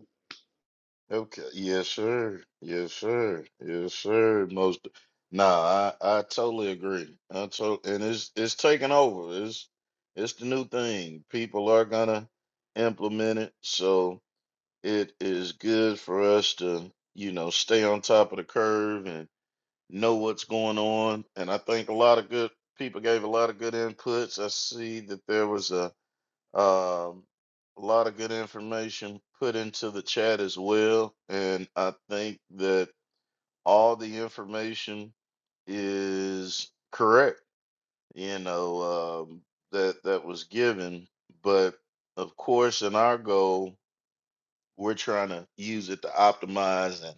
Speaker 2: Okay. Yes, sir. Yes, sir. Yes, sir. Most. Nah, I I totally agree. I to, and it's it's taking over. It's it's the new thing. People are gonna implement it. So it is good for us to, you know, stay on top of the curve and know what's going on. And I think a lot of good people gave a lot of good inputs. I see that there was a um, a lot of good information put into the chat as well. And I think that all the information is correct, you know, um, that that was given. But of course, in our goal, we're trying to use it to optimize and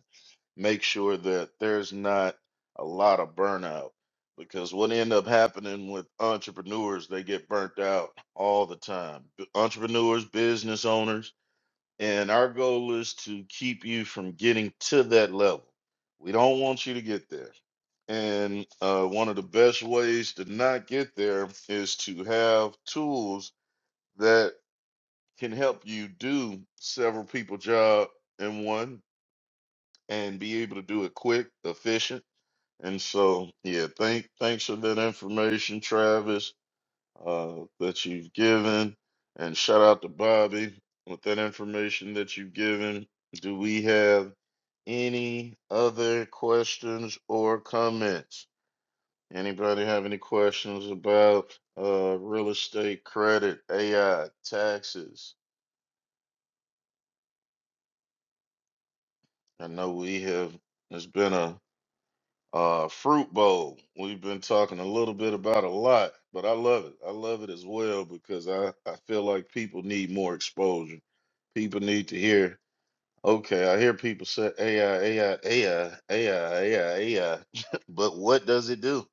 Speaker 2: make sure that there's not a lot of burnout because what end up happening with entrepreneurs they get burnt out all the time B- entrepreneurs business owners and our goal is to keep you from getting to that level we don't want you to get there and uh, one of the best ways to not get there is to have tools that can help you do several people job in one and be able to do it quick efficient and so, yeah, thank thanks for that information, Travis, uh, that you've given, and shout out to Bobby with that information that you've given. Do we have any other questions or comments? Anybody have any questions about uh, real estate credit, AI, taxes? I know we have. It's been a Uh, Fruit Bowl. We've been talking a little bit about a lot, but I love it. I love it as well because I, I feel like people need more exposure. People need to hear, okay, I hear people say AI, AI, AI, AI, AI, AI, but what does it do?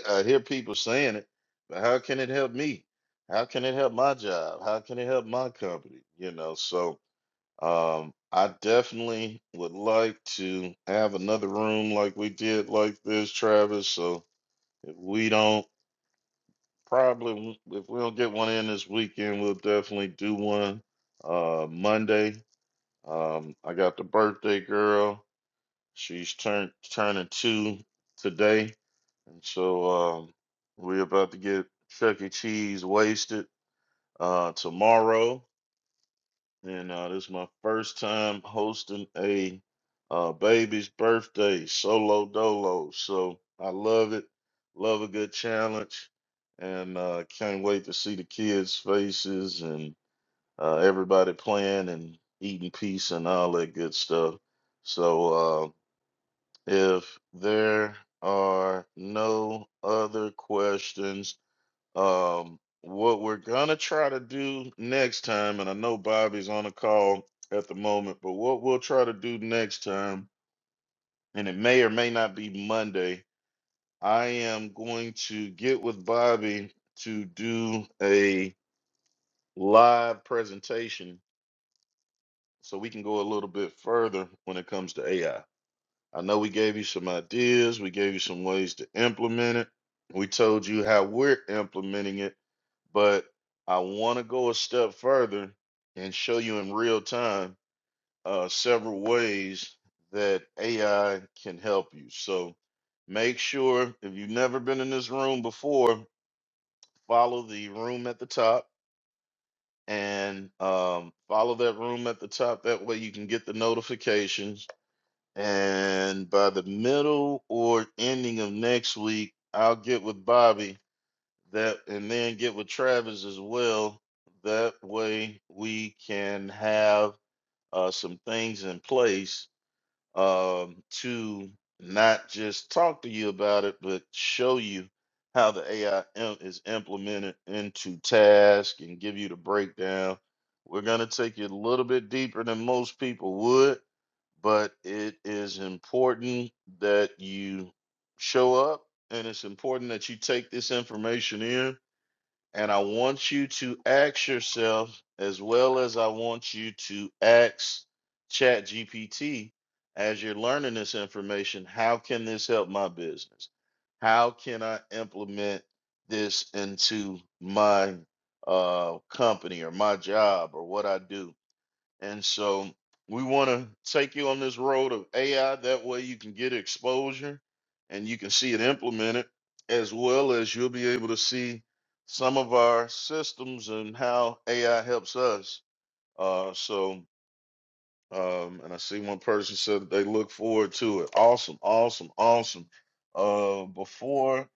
Speaker 2: I hear people saying it, but how can it help me? How can it help my job? How can it help my company? You know, so um, I definitely would like to have another room like we did like this, Travis. So if we don't probably w- if we don't get one in this weekend, we'll definitely do one uh Monday. Um, I got the birthday girl. She's turned turning two today, and so um, we're about to get Chuck E. Cheese wasted uh tomorrow. And uh, this is my first time hosting a uh, baby's birthday solo dolo. So I love it. Love a good challenge. And uh, can't wait to see the kids' faces and uh, everybody playing and eating peace and all that good stuff. So uh, if there are no other questions, um, what we're gonna try to do next time, and I know Bobby's on a call at the moment, but what we'll try to do next time, and it may or may not be Monday, I am going to get with Bobby to do a live presentation so we can go a little bit further when it comes to AI. I know we gave you some ideas, we gave you some ways to implement it. We told you how we're implementing it, but I want to go a step further and show you in real time uh, several ways that AI can help you. So make sure if you've never been in this room before, follow the room at the top and um, follow that room at the top. That way you can get the notifications and by the middle or ending of next week, I'll get with Bobby that and then get with Travis as well. That way we can have uh, some things in place um, to not just talk to you about it, but show you how the AI im- is implemented into task and give you the breakdown. We're going to take you a little bit deeper than most people would but it is important that you show up and it's important that you take this information in. And I want you to ask yourself, as well as I want you to ask ChatGPT as you're learning this information, how can this help my business? How can I implement this into my uh, company or my job or what I do? And so we want to take you on this road of AI. That way you can get exposure and you can see it implemented, as well as you'll be able to see some of our systems and how AI helps us. Uh, so, um, and I see one person said that they look forward to it. Awesome, awesome, awesome. Uh, before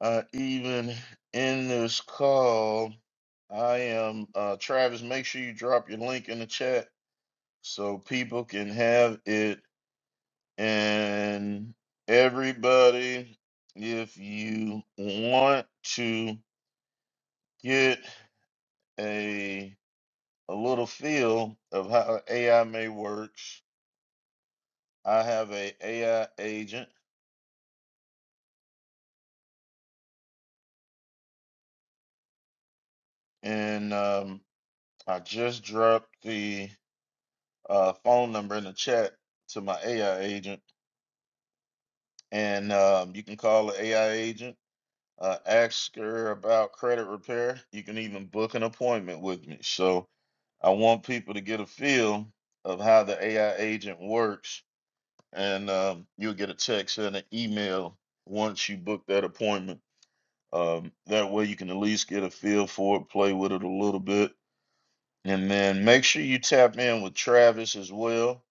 Speaker 2: I even end this call, I am uh, Travis. Make sure you drop your link in the chat so people can have it and everybody if you want to get a a little feel of how AI may works I have a AI agent and um, I just dropped the uh, phone number in the chat to my AI agent and um, you can call the AI agent uh, ask her about credit repair you can even book an appointment with me so I want people to get a feel of how the AI agent works, and um, you'll get a text and an email once you book that appointment. Um, that way, you can at least get a feel for it, play with it a little bit, and then make sure you tap in with Travis as well.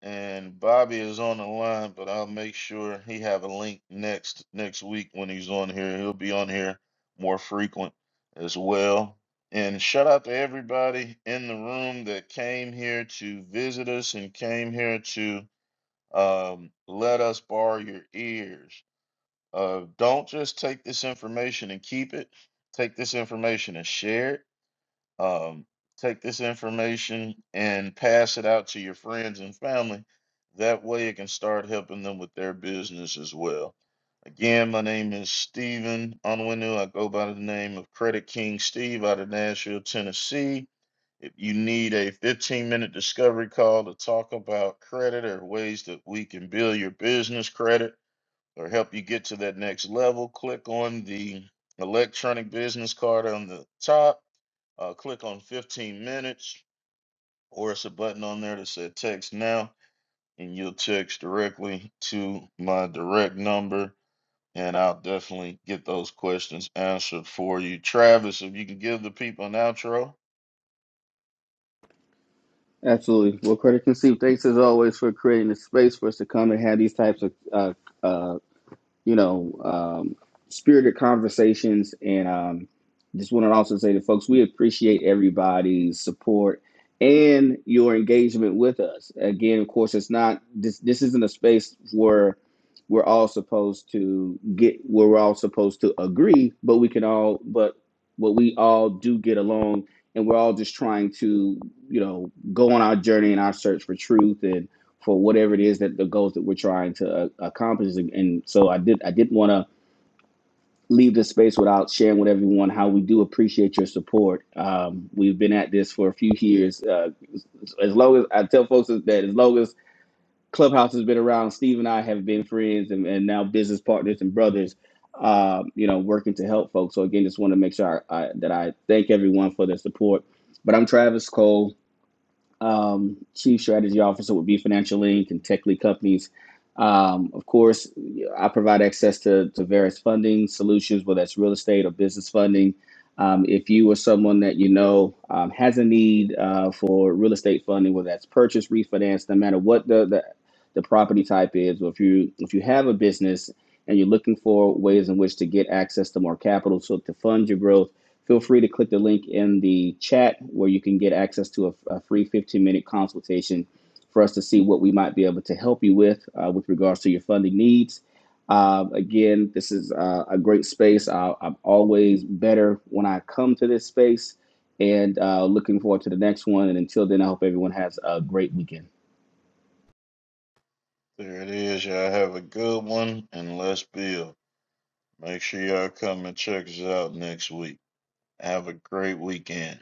Speaker 2: And Bobby is on the line, but I'll make sure he have a link next next week when he's on here. He'll be on here more frequent as well. And shout out to everybody in the room that came here to visit us and came here to um, let us borrow your ears. Uh, don't just take this information and keep it. Take this information and share it um, take this information and pass it out to your friends and family. That way, it can start helping them with their business as well. Again, my name is Stephen Onwenu. I go by the name of Credit King Steve out of Nashville, Tennessee. If you need a 15 minute discovery call to talk about credit or ways that we can build your business credit or help you get to that next level, click on the electronic business card on the top uh, click on 15 minutes, or it's a button on there that said text now, and you'll text directly to my direct number, and I'll definitely get those questions answered for you. Travis, if you can give the people an outro.
Speaker 1: Absolutely. Well, Credit conceived. thanks as always for creating the space for us to come and have these types of uh, you know, um, spirited conversations. And um, just want to also say to folks, we appreciate everybody's support and your engagement with us. Again, of course, it's not this. This isn't a space where we're all supposed to get where we're all supposed to agree, but we can all, but but we all do get along, and we're all just trying to, you know, go on our journey and our search for truth and for whatever it is that the goals that we're trying to uh, accomplish. And so I did I didn't want to leave this space without sharing with everyone how we do appreciate your support. Um, we've been at this for a few years. Uh, as long as I tell folks that as long as Clubhouse has been around, Steve and I have been friends and, and now business partners and brothers. Uh, you know, working to help folks. So again, just want to make sure I, I, that I thank everyone for their support. But I'm Travis Cole um, chief strategy officer with B Financial Inc. and Tech Lead Companies. Um, of course, I provide access to, to various funding solutions, whether that's real estate or business funding. Um, if you or someone that you know um, has a need uh, for real estate funding, whether that's purchase, refinance, no matter what the, the the property type is, or if you if you have a business and you're looking for ways in which to get access to more capital so to fund your growth Feel free to click the link in the chat where you can get access to a, a free 15 minute consultation for us to see what we might be able to help you with uh, with regards to your funding needs. Um, again, this is uh, a great space. I, I'm always better when I come to this space and uh, looking forward to the next one. And until then, I hope everyone has a great weekend.
Speaker 2: There it is. Y'all have a good one, and let's build. Make sure y'all come and check us out next week. Have a great weekend.